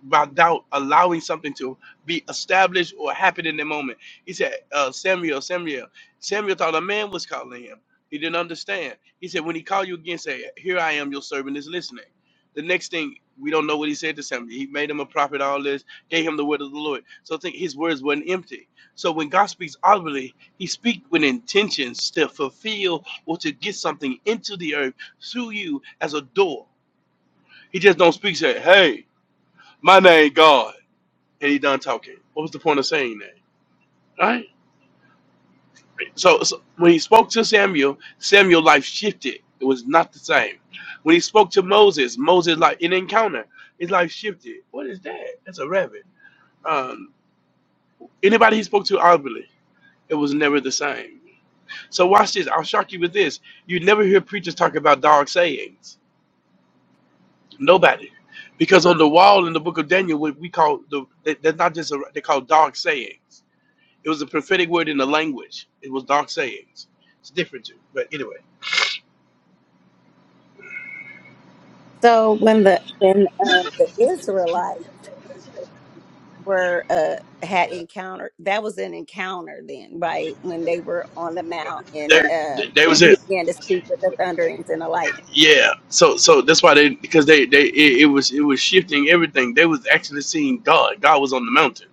Speaker 4: without allowing something to be established or happen in the moment? He said, uh, Samuel, Samuel. Samuel thought a man was calling him. He didn't understand. He said, when he called you again, say, here I am, your servant is listening. The next thing, we don't know what he said to Samuel. He made him a prophet, all this, gave him the word of the Lord. So think his words weren't empty. So when God speaks audibly, he speaks with intentions to fulfill or to get something into the earth through you as a door. He just don't speak. Say, "Hey, my name God," and he done talking. What was the point of saying that? Right. So, so when he spoke to Samuel, Samuel's life shifted. It was not the same. When he spoke to Moses, Moses like in encounter, his life shifted. What is that? That's a rabbit. Um, anybody he spoke to outwardly, it was never the same. So watch this. I'll shock you with this. You never hear preachers talk about dark sayings. Nobody. Because on the wall in the book of Daniel, what we call the that's not just a, they call dark sayings. It was a prophetic word in the language. It was dark sayings. It's different too. But anyway,
Speaker 2: so. When the when um, the Israelites were uh had encountered that was an encounter then right when they were on the mount and
Speaker 4: there,
Speaker 2: um
Speaker 4: there was
Speaker 2: he
Speaker 4: it.
Speaker 2: began to speak with the thunderings and the lightning
Speaker 4: Yeah. So, so that's why they because they they it, it was it was shifting everything. They was actually seeing God. God was on the mountain,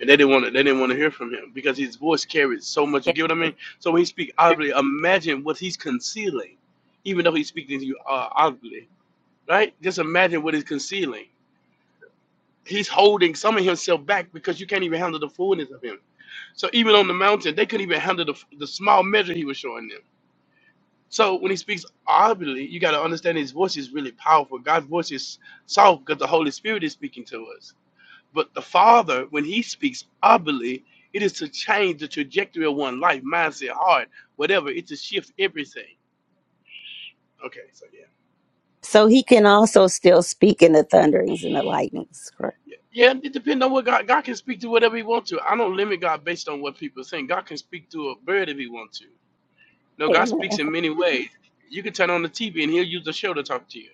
Speaker 4: and they didn't want to they didn't want to hear from him because his voice carried so much. You
Speaker 2: Yeah.
Speaker 4: get what I mean? So when he speak audibly, imagine what he's concealing, even though he's speaking to you uh, audibly, right? Just imagine what he's concealing. He's holding some of himself back because you can't even handle the fullness of him. So even on the mountain, they couldn't even handle the, the small measure he was showing them. So when he speaks audibly, you got to understand his voice is really powerful. God's voice is soft because the Holy Spirit is speaking to us. But the Father, when he speaks audibly, it is to change the trajectory of one life, mindset, heart, whatever. It's to shift everything. Okay, so yeah.
Speaker 2: so he can also still speak in the thunderings and the lightnings correct
Speaker 4: Yeah, yeah, it depends on what God God can speak to whatever He wants to. I don't limit God based on what people think. God can speak to a bird if He wants to. No, God
Speaker 2: amen
Speaker 4: speaks in many ways. You can turn on the TV and He'll use the show to talk to you,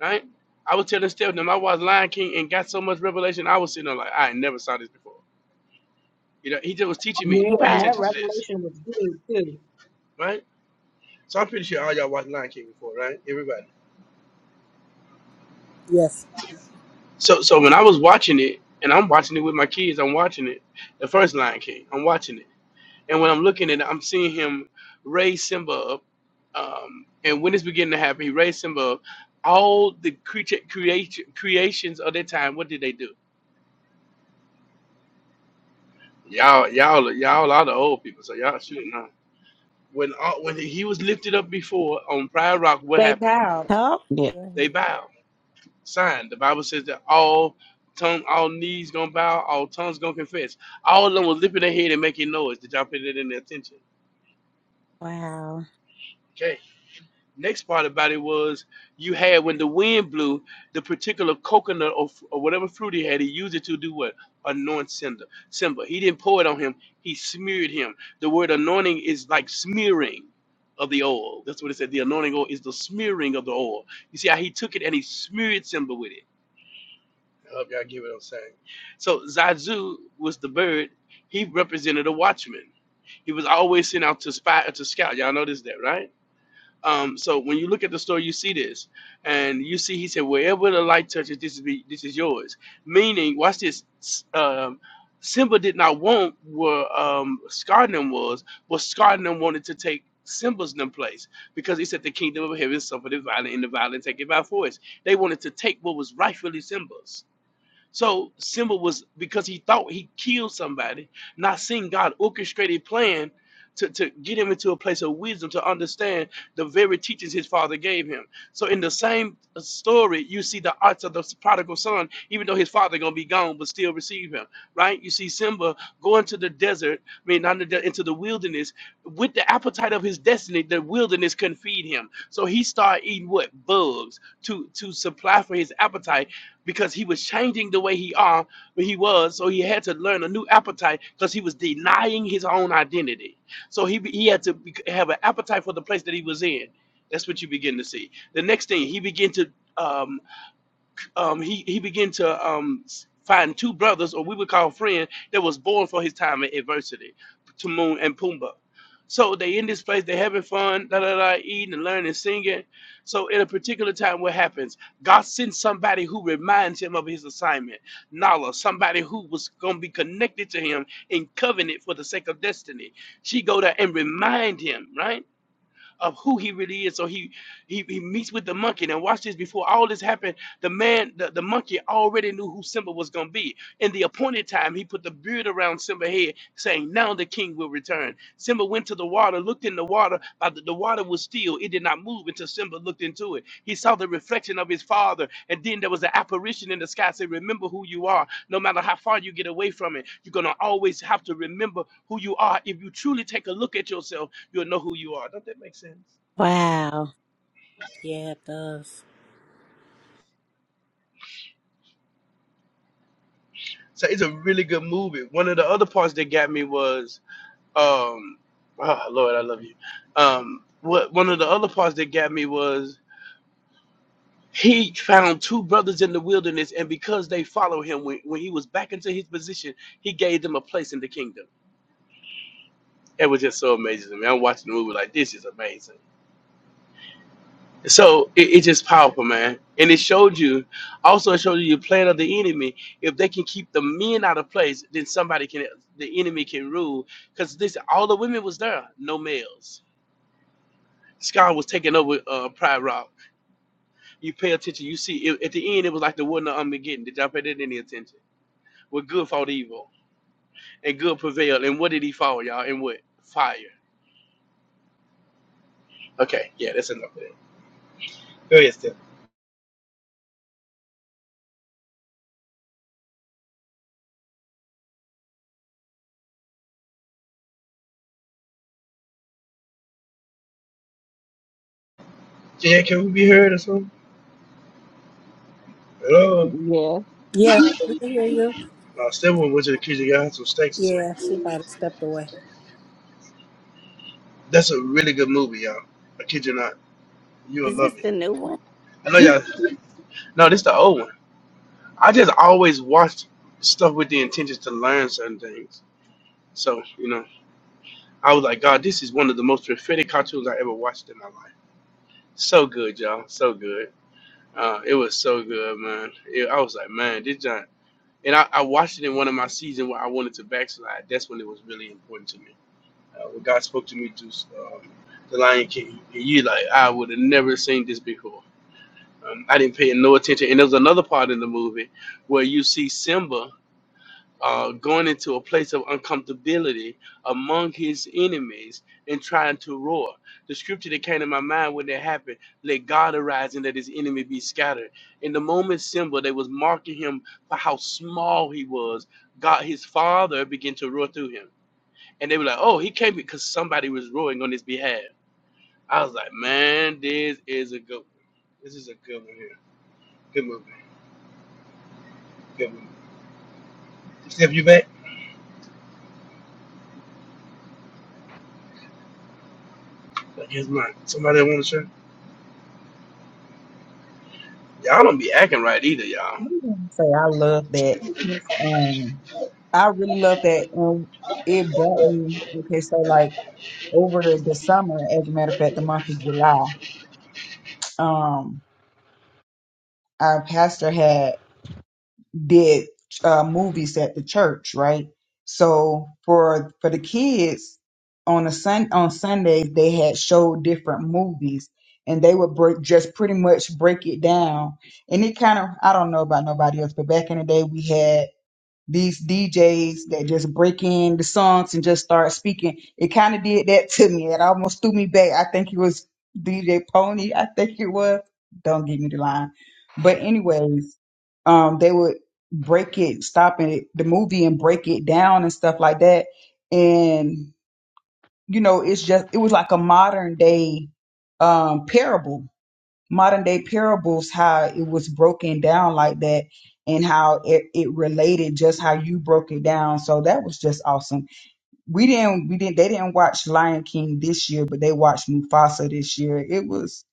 Speaker 4: right? I was telling Stephanie, I watched Lion King and got so much revelation. I was sitting there like, I never saw this before. You know, He just was teaching me, pay
Speaker 1: and
Speaker 2: wow
Speaker 1: that
Speaker 4: attention to this,
Speaker 1: revelation was good too.
Speaker 4: right? So I'm pretty sure all y'all watched Lion King before, right? Everybody.
Speaker 15: Yes.
Speaker 4: So, so when I was watching it, and I'm watching it with my kids, I'm watching it. The first Lion King, I'm watching it. And when I'm looking at it, I'm seeing him raise Simba up. Um, and when it's beginning to happen, he raised Simba up. All the creature creation creations of that time, what did they do? Y'all, y'all, y'all are the old people, so y'all shooting on. When all, when he was lifted up before on Pride Rock, what
Speaker 10: stay
Speaker 4: happened?
Speaker 10: pow.
Speaker 2: oh
Speaker 12: Yeah,
Speaker 2: Yeah.
Speaker 4: They bowed. Sign. The Bible says that all tongue, all knees gonna bow, all tongues gonna confess. All of them was lifting their head and making noise. Did y'all pay that in their attention?
Speaker 2: wow
Speaker 4: next part about it was you had when the wind blew the particular coconut or, f- or whatever fruit he had he used it to do what anoint Simba. Simba. He didn't pour it on him. He smeared him. The word anointing is like smearing of the oil. That's what it said. The anointing oil is the smearing of the oil. You see how he took it and he smeared Simba with it. I hope y'all get what I'm saying. So Zazu was the bird. He represented a watchman. He was always sent out to spy or to scout. Y'all notice that, right? Um, so when you look at the story, you see this, and you see he said, "Wherever the light touches, this is be, this is yours." Meaning, watch this. s- Um, Simba did not want where um, Scarnum was, but Scarnum wanted to take Simba's in place because he said the kingdom of heaven suffered the violent, and the violent take it by force. They wanted to take what was rightfully Simba's. So Simba was because he thought he killed somebody, not seeing God orchestrated plan to, to get him into a place of wisdom to understand the very teachings his father gave him. So in the same story, you see the arts of the prodigal son, even though his father gonna be gone, but still receive him, right? You see Simba going to the desert, I mean not the de- into the wilderness, with the appetite of his destiny, the wilderness couldn't feed him. So he started eating what? Bugs to to supply for his appetite because he was changing the way he are he was so he had to learn a new appetite because he was denying his own identity so he he had to be, have an appetite for the place that he was in that's what you begin to see the next thing he began to um, um, he he began to um, find two brothers, or we would call friends, that was born for his time in adversity, Timon and Pumbaa. So they in this place, they having fun, da da da, eating and learning, and singing. So at a particular time, what happens? God sends somebody who reminds him of his assignment, Nala, somebody who was gonna be connected to him in covenant for the sake of destiny. She go there and remind him, right? Of who he really is, so he he, he meets with the monkey. Now watch this. Before all this happened, the man, the, the monkey already knew who Simba was gonna be. In the appointed time, he put the beard around Simba's head, saying, Now the king will return. Simba went to the water, looked in the water, but the, the water was still. It did not move until Simba looked into it. He saw the reflection of his father, and then there was an apparition in the sky saying, Remember who you are. No matter how far you get away from it, you're gonna always have to remember who you are. If you truly take a look at yourself, you'll know who you are. Don't that make sense?
Speaker 2: Wow.
Speaker 15: Yeah, it does.
Speaker 4: So it's a really good movie. One of the other parts that got me was, um, oh Lord, I love you. Um, what one of the other parts that got me was he found two brothers in the wilderness, and because they followed him when, when he was back into his position, he gave them a place in the kingdom. It was just so amazing to me. I'm watching the movie like this is amazing. So it, it's just powerful, man. And it showed you, also it showed you the plan of the enemy. If they can keep the men out of place, then somebody can, the enemy can rule. Because this, all the women was there, no males. Sky was taking over uh, Pride Rock. You pay attention, you see, it, at the end, it was like the one of Armageddon. Did y'all pay that any attention? Where good fought evil, and good prevailed. And what did he fall, y'all? And what? Fire. Okay, yeah, that's enough of that. Go ahead, Steph. Yeah, can we be heard or something? Hello?
Speaker 12: yeah.
Speaker 15: Yeah, we can hear you.
Speaker 4: Uh, Steph went to the kitchen, got her some steaks or something.
Speaker 15: Yeah, she might have stepped away.
Speaker 4: That's a really good movie, y'all. I kid you not. You'll
Speaker 2: Is this
Speaker 4: love it.
Speaker 2: the new one?
Speaker 4: I know You all No, this the old one. I just always watched stuff with the intentions to learn certain things. So you know, I was like, God, this is one of the most prophetic cartoons I ever watched in my life. So good, y'all. So good. Uh, it was so good, man. It, I was like, man, this giant. And I, I watched it in one of my seasons where I wanted to backslide. That's when it was really important to me. Uh, when God spoke to me through um, the Lion King, and you like, I would have never seen this before Um, I didn't pay no attention. And there's another part in the movie where you see Simba uh, going into a place of uncomfortability among his enemies and trying to roar. The scripture that came to my mind when that happened, let God arise and let his enemy be scattered. In the moment Simba, they was marking him for how small he was, God, his father began to roar through him. And they were like, oh, he came because somebody was roaring on his behalf. I was like, man, this is a good one. This is a good one here. Good movie. Good. Steph, you back? I guess not. Somebody want to share? Y'all don't be acting right either, y'all.
Speaker 11: I'm gonna say I love that. Um, I really love that. Um, it brought me okay. So like over the, the summer, as a matter of fact, the month of July, um, our pastor had did uh, movies at the church, right? So for for the kids on a sun on Sundays they had showed different movies, and they would break just pretty much break it down. And it kind of I don't know about nobody else, but back in the day we had these DJs that just break in the songs and just start speaking. It kind of did that to me. It almost threw me back. I think it was DJ Pony. I think it was. Don't give me the line. But anyways, um, they would break it, stop it, the movie and break it down and stuff like that. And you know, it's just it was like a modern day um parable modern day parables how it was broken down like that and how it, it related just how you broke it down so that was just awesome we didn't we didn't they didn't watch lion king this year but they watched mufasa this year it was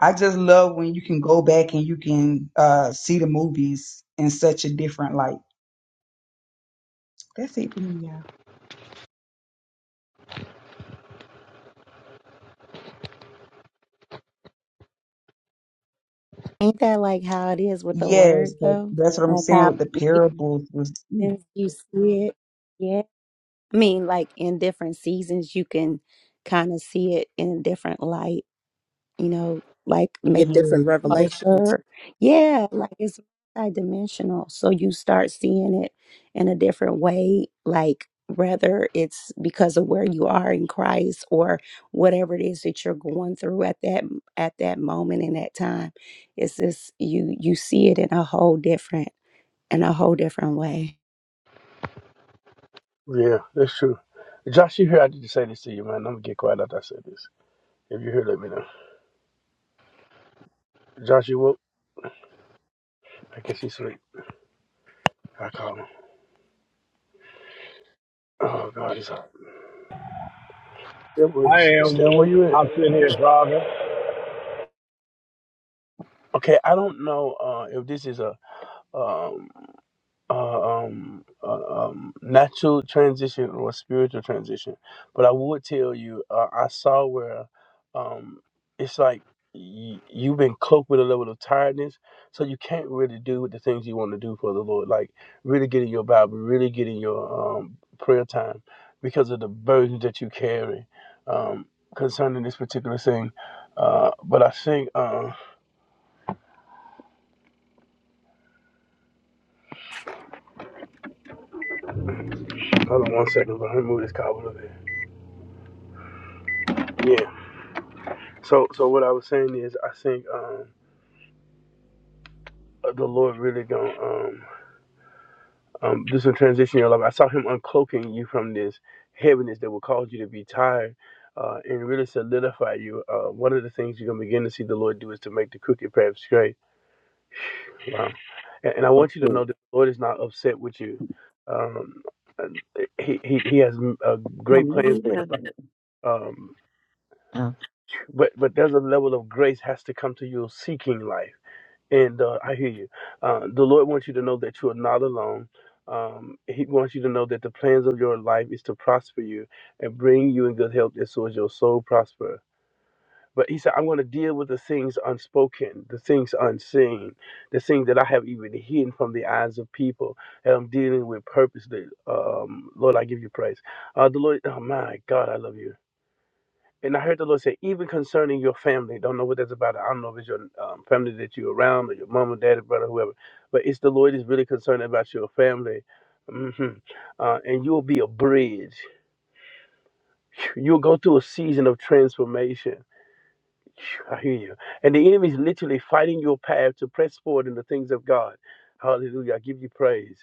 Speaker 11: i just love when you can go back and you can uh see the movies in such a different light that's it for me yeah
Speaker 2: Ain't that like how it is with the
Speaker 11: yes
Speaker 2: word
Speaker 11: that,
Speaker 2: though?
Speaker 11: that's what i'm
Speaker 2: Like
Speaker 11: saying
Speaker 2: how
Speaker 11: with the parables was
Speaker 2: since you see it, yeah. I mean, like in different seasons, you can kind of see it in a different light, you know, like
Speaker 15: You
Speaker 2: make
Speaker 15: get different
Speaker 11: yes yes
Speaker 15: revelations
Speaker 2: closer. Yeah, like it's multidimensional. So you start seeing it in a different way, like whether it's because of where you are in Christ or whatever it is that you're going through at that at that moment in that time. It's just you you see it in a whole different in a whole different way.
Speaker 4: Yeah, that's true. Josh, you here? I need to say this to you, man. I'm gonna get quiet after I say this. If you here, let me know. Josh, you woke? I guess he's asleep. I call him. Oh God, he's hot. Still, where-
Speaker 16: I am
Speaker 4: still where
Speaker 16: woke.
Speaker 4: you at?
Speaker 16: I'm sitting here driving.
Speaker 4: Okay, I don't know uh, if this is a um, uh, um, uh, um, natural transition or spiritual transition. But I would tell you, uh, I saw where um, it's like y- you've been cloaked with a level of tiredness, so you can't really do the things you want to do for the Lord, like really getting your Bible, really getting your um, prayer time, because of the burden that you carry um, concerning this particular thing. Uh, but I think, uh, hold on one second, but let me move this car a little bit. Yeah. So, so what I was saying is, I think um, uh, the Lord really going um, um, do some transition in your life. I saw Him uncloaking you from this heaviness that will cause you to be tired. Uh, and really solidify you. Uh, one of the things you're gonna begin to see the Lord do is to make the crooked path straight. Wow. And, and I
Speaker 12: that's
Speaker 4: want you to know that the Lord is not upset with you. Um, he, he He has mm, uh,
Speaker 12: Come
Speaker 4: great
Speaker 12: on,
Speaker 4: plans
Speaker 12: maybe
Speaker 4: for
Speaker 12: it
Speaker 4: your
Speaker 12: is.
Speaker 4: life. Um,
Speaker 12: it?
Speaker 4: but but there's a level of grace has to come to your seeking life. And uh, I hear you. Uh, the Lord wants you to know that you are not alone. Um, he wants you to know that the plans of your life is to prosper you and bring you in good health, and so as your soul prosper. But he said, I'm going to deal with the things unspoken, the things unseen, the things that I have even hidden from the eyes of people. And I'm dealing with purposely. Um, Lord, I give you praise. Uh, the Lord, oh my God, I love you. And I heard the Lord say, even concerning your family, don't know what that's about. I don't know if it's your um, family that you're around or your mom or dad, brother, whoever. But it's the Lord is really concerned about your family. hmm Uh, and you'll be a bridge. You'll go through a season of transformation. I hear you. And the enemy is literally fighting your path to press forward in the things of God. Hallelujah. I give you praise.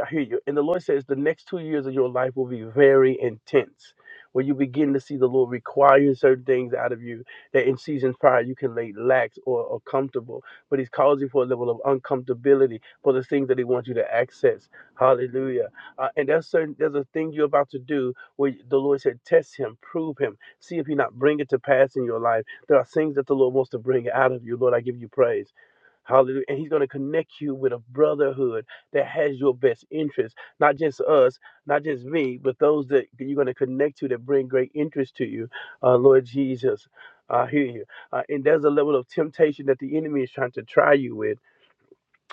Speaker 4: I hear you. And the Lord says the next two years of your life will be very intense, where you begin to see the Lord require certain things out of you that in seasons prior you can lay lax or, or comfortable. But He's calls you for a level of uncomfortability for the things that He wants you to access. Hallelujah. Uh, and there's certain there's a thing you're about to do where the Lord said, test Him, prove Him, see if He not bring it to pass in your life. There are things that the Lord wants to bring out of you. Lord, I give you praise. Hallelujah. And he's going to connect you with a brotherhood that has your best interest, not just us, not just me, but those that you're going to connect to that bring great interest to you. Uh, Lord Jesus, I hear you. Uh, and there's a level of temptation that the enemy is trying to try you with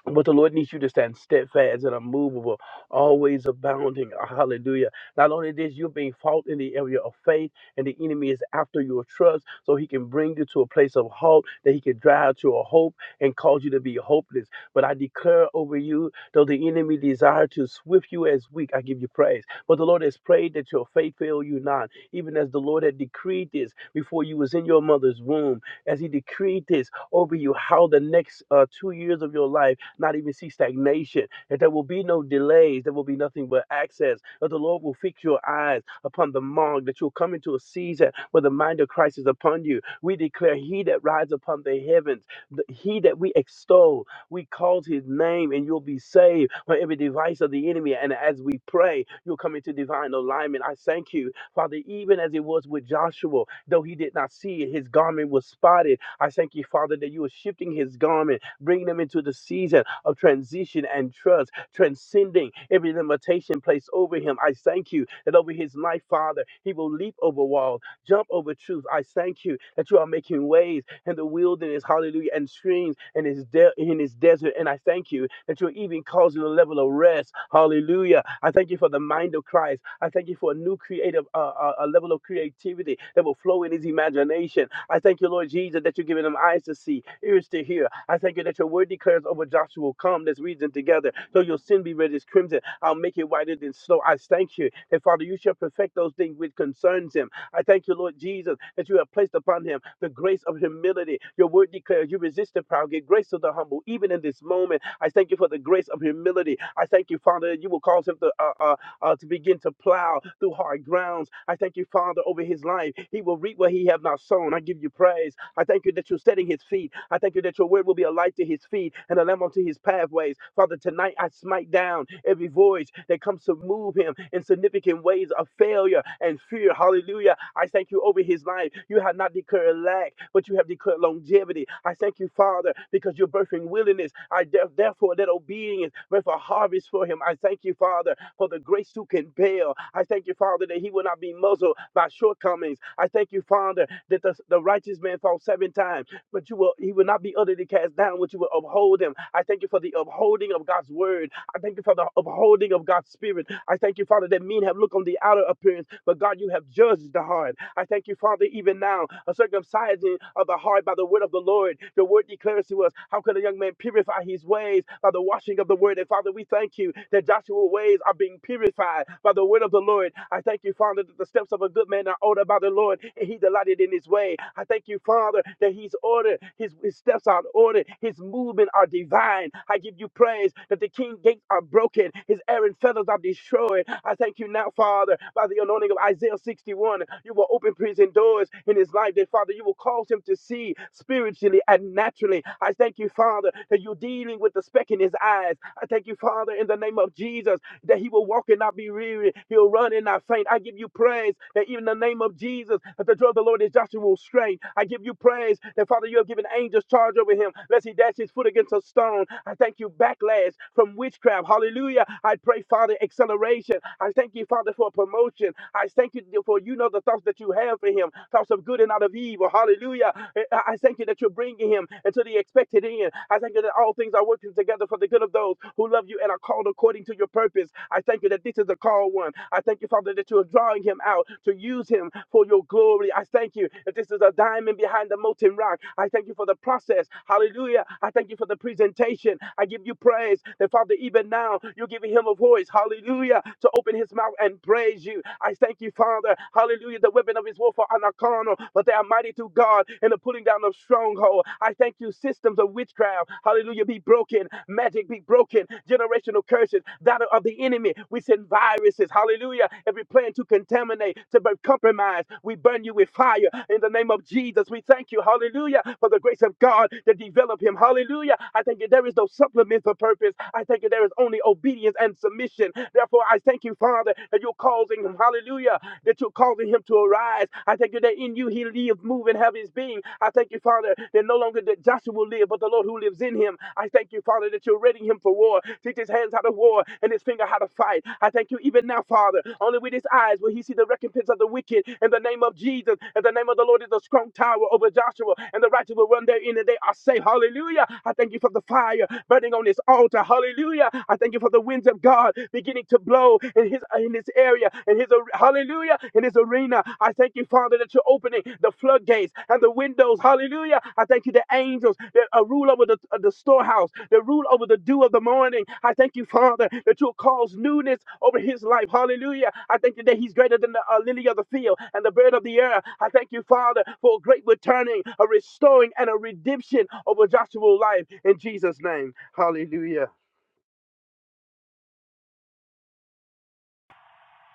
Speaker 4: but the Lord needs you to stand steadfast and unmovable, always abounding. Hallelujah. Not only this, you're being fought in the area of faith, and the enemy is after your trust, so he can bring you to a place of halt, that he can drive to a hope and cause you to be hopeless. But I declare over you, though the enemy desire to swift you as weak, I give you praise. But the Lord has prayed that your faith fail you not, even as the Lord had decreed this before you was in your mother's womb, as he decreed this over you, how the next uh, two years of your life not even see stagnation, that there will be no delays, there will be nothing but access, that the Lord will fix your eyes upon the mark, that you'll come into a season where the mind of Christ is upon you. We declare, He that rides upon the heavens, the, He that we extol, we cause His name, and you'll be saved from every device of the enemy. And as we pray, you'll come into divine alignment. I thank you, Father, even as it was with Joshua, though he did not see it, his garment was spotted I thank you, Father, that you are shifting his garment, bringing him into the season of transition and trust, transcending every limitation placed over him. I thank you that over his life, Father, he will leap over walls Jump over truth. I thank you that you are making ways in the wilderness, hallelujah, and streams in his, de- in his desert. And I thank you that you're even causing a level of rest, hallelujah. I thank you for the mind of Christ. I thank you for a new creative, uh, uh, a level of creativity that will flow in his imagination. I thank you, Lord Jesus, that you're giving him eyes to see, ears to hear. I thank you that your word declares over Joshua, come, let's reason together. Though your sin be red as crimson, I'll make it whiter than snow. I thank you that, Father, you shall perfect those things which concerns him. I thank you, Lord Jesus, that you have placed upon him the grace of humility. Your word declares you resist the proud, give grace to the humble. Even in this moment, I thank you for the grace of humility. I thank you, Father, that you will cause him to uh, uh, uh, to begin to plow through hard grounds. I thank you, Father, over his life. He will reap what he have not sown. I give you praise. I thank you that you're setting his feet. I thank you that your word will be a light to his feet and a lamp unto his pathways. Father, tonight I smite down every voice that comes to move him in significant ways of failure and fear. Hallelujah. I thank you over his life. You have not declared lack, but you have declared longevity. I thank you, Father, because you're birthing willingness. I de- therefore let obedience birth a harvest for him. I thank you, Father, for the grace to compel. I thank you, Father, that he will not be muzzled by short shortcomings. I thank you, Father, that the, the righteous man falls seven times, but you will he will not be utterly cast down, but you will uphold him. I thank you for the upholding of God's word. I thank you for the upholding of God's spirit. I thank you, Father, that men have looked on the outer appearance, but God, you have judged the heart. I thank you, Father, even now, a circumcising of the heart by the word of the Lord. Your word declares to us, how could a young man purify his ways by the washing of the word? And Father, we thank you that Joshua's ways are being purified by the word of the Lord. I thank you, Father, that the steps of a good man are ordered by the Lord, and he delighted in his way. I thank you, Father, that he's ordered, his, his steps are ordered, his movement are divine. I give you praise that the king gates are broken, his errant feathers are destroyed. I thank you now, Father, by the anointing of Isaiah 61. You will open prison doors in his life, that Father, you will cause him to see spiritually and naturally. I thank you, Father, that you're dealing with the speck in his eyes. I thank thank you, Father, in the name of Jesus, that he will walk and not be weary. He'll run and not faint. I give you praise that even in the name of Jesus, that the joy of the Lord is Joshua's strength. I give you praise that, Father, you have given angels charge over him, lest he dash his foot against a stone. I thank you, backlash from witchcraft. Hallelujah. I pray, Father, acceleration. I thank you, Father, for promotion. I thank you for you know the thoughts that you have for him, thoughts of good and not of evil. Hallelujah. I I thank you that you're bringing him into the expected to the I thank you that all things are working together for the good of those who love you and are called according to your purpose. I thank you that this is a called one. I thank you, Father, that you are drawing him out to use him for your glory. I thank you that this is a diamond behind the molten rock. I thank you for the process. Hallelujah. I thank you for the presentation. I give you praise that, Father, even now you're giving him a voice. Hallelujah. To open his mouth and praise you. I thank you, Father. Hallelujah. The weapon of his warfare are not carnal, but they are mighty to God. God, and the pulling down of stronghold. I thank you, systems of witchcraft, hallelujah, be broken, magic be broken, generational curses, that of the enemy. We send viruses, hallelujah, every plan to contaminate, to bur- compromise. We burn you with fire in the name of Jesus. We thank you, hallelujah, for the grace of God to develop him, hallelujah. I thank you, there is no supplement for purpose. I thank you, there is only obedience and submission. Therefore, I thank you, Father, that you're causing Hallelujah. That him, hallelujah, causing him to arise. I thank you that in you he lives, move, and have his being. I thank you, Father, that no longer that Joshua will live, but the Lord who lives in him. I thank you, Father, that you're readying him for war. Teach his hands how to war and his finger how to fight. I thank you even now, Father. Only with his eyes will he see the recompense of the wicked. In the name of Jesus, and the name of the Lord is a strong tower over Joshua, and the righteous will run therein and they are safe. Hallelujah. I thank you for the fire burning on this altar. Hallelujah. I thank you for the winds of God beginning to blow flow in his in this area, in his hallelujah, in his arena. I thank you, Father, that you're opening the floodgates and the windows. Hallelujah. I thank you, the angels that uh, rule over the, uh, the storehouse, that rule over the dew of the morning. I thank you, Father, that you'll cause newness over his life. Hallelujah. I thank you that he's greater than the uh, lily of the field and the bird of the air. I thank you, Father, for a great returning, a restoring, and a redemption over Joshua's life in Jesus' name. Hallelujah.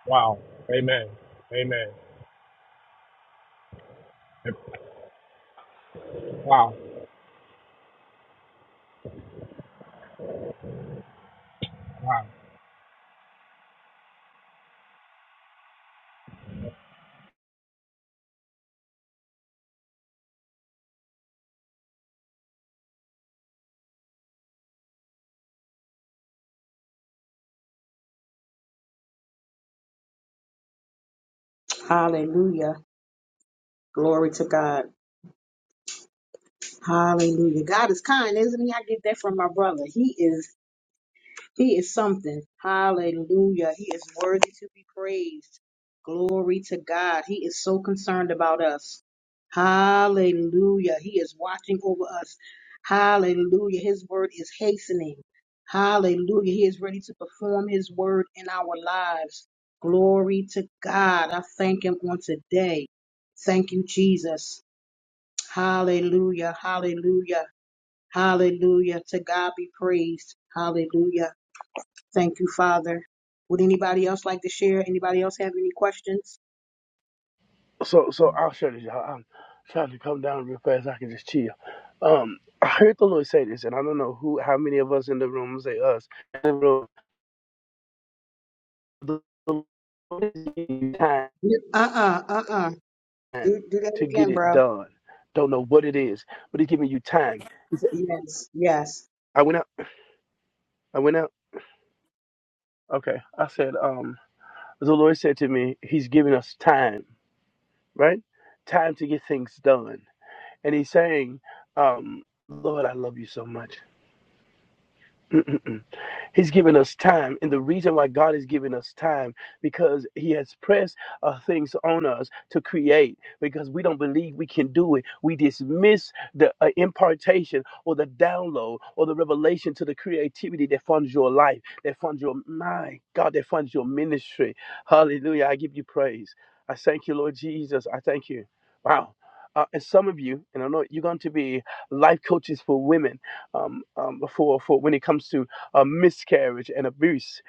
Speaker 16: Wow. Amen. Amen. Wow. Wow.
Speaker 1: Hallelujah. Glory to God. Hallelujah. God is kind, isn't he? I get that from my brother. He is He is something. Hallelujah. He is worthy to be praised. Glory to God. He is so concerned about us. Hallelujah. He is watching over us. Hallelujah. His word is hastening. Hallelujah. He is ready to perform his word in our lives. Glory to God. I thank him on today. Thank you, Jesus. Hallelujah. Hallelujah. Hallelujah. To God be praised. Hallelujah. Thank you, Father. Would anybody else like to share? Anybody else have any questions?
Speaker 4: So so I'll share this. y'all. I'm trying to come down real fast. I can just chill. Um, I heard the Lord say this, and I don't know who, how many of us in the room I'm gonna say us. in The room, the the Lord is giving you time
Speaker 1: Uh-uh, uh-uh. Do, do that
Speaker 4: to get
Speaker 1: again,
Speaker 4: it
Speaker 1: bro.
Speaker 4: done. Don't know what it is, but He's giving you time.
Speaker 1: Yes, yes.
Speaker 4: I went out. I went out. Okay, I said. Um, the Lord said to me, He's giving us time, right? Time to get things done, and He's saying, um, Lord, I love you so much. He's given us time. And the reason why God is giving us time, because He has pressed uh, things on us to create, because we don't believe we can do it. We dismiss the uh, impartation or the download or the revelation to the creativity that funds your life, that funds your mind, God, that funds your ministry. Hallelujah. I give you praise. I thank you, Lord Jesus. I thank you. Wow. Uh, and some of you, and I know you're going to be life coaches for women um, um, for, for when it comes to uh, miscarriage and abuse,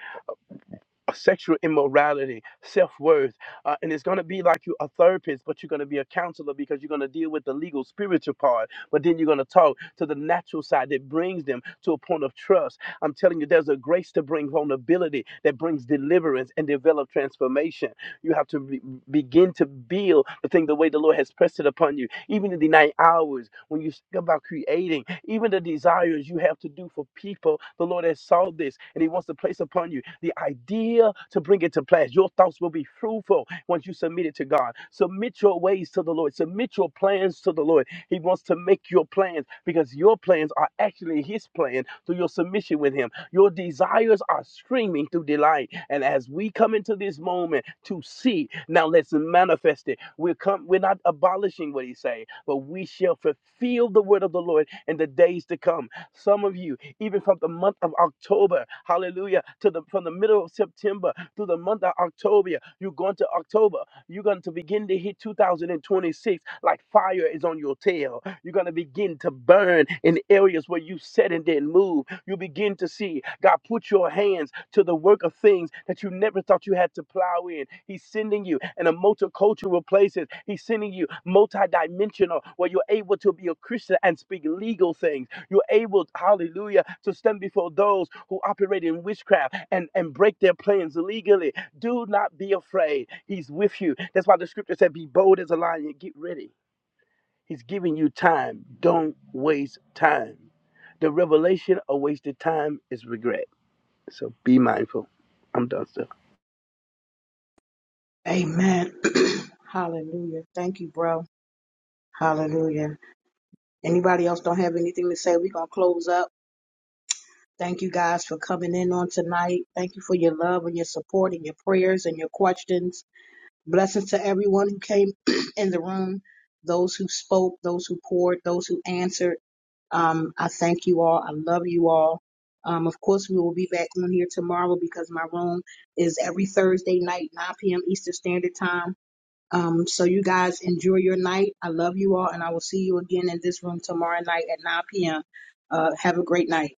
Speaker 4: uh, sexual immorality, self worth. Uh, and it's going to be like you're a therapist, but you're going to be a counselor because you're going to deal with the legal, spiritual part. But then you're going to talk to the natural side that brings them to a point of trust I'm telling you, there's a grace to bring vulnerability that brings deliverance and develop transformation. You have to be- begin to build the thing the way the Lord has pressed it upon you, even in the night hours when you think about creating, even the desires you have to do for people. The Lord has saw this and He wants to place upon you the idea to bring it to pass. Your thoughts will be fruitful once you submit it to God. Submit your ways to the Lord, submit your plans to the Lord. He wants to make your plans because your plans are actually His plan through your submission with Him. Your desires are streaming through delight. And as we come into this moment to see, now let's manifest it. We're come, we're not abolishing what He say, but we shall fulfill the word of the Lord in the days to come. Some of you, even from the month of October, Hallelujah, to the from the middle of September through the month of October, you're going to October. You're going to begin to hit 2026 like fire is on your tail. You're gonna going to begin to burn in areas where you said and didn't move. You begin to see God put your hands to the work of things that you never thought you had to plow in. He's sending you in a multicultural places. He's sending you multidimensional where you're able to be a Christian and speak legal things. You're able, hallelujah, to stand before those who operate in witchcraft and, and break their plans legally. Do not be afraid. He's with you. That's why the scripture said, be bold as a lion. Get ready. He's giving you time. Don't waste time. The revelation of wasted time is regret. So be mindful. I'm done, sir.
Speaker 1: Amen. Hallelujah. Thank you, bro. Hallelujah. Anybody else don't have anything to say? We're going to close up. Thank you guys for coming in on tonight. Thank you for your love and your support and your prayers and your questions. Blessings to everyone who came in the room, those who spoke, those who poured, those who answered. Um, I thank you all. I love you all. Um, of course, we will be back on here tomorrow because my room is every Thursday night, 9 p.m. Eastern Standard Time. Um, so you guys enjoy your night. I love you all, and I will see you again in this room tomorrow night at 9 p.m. Uh, have a great night.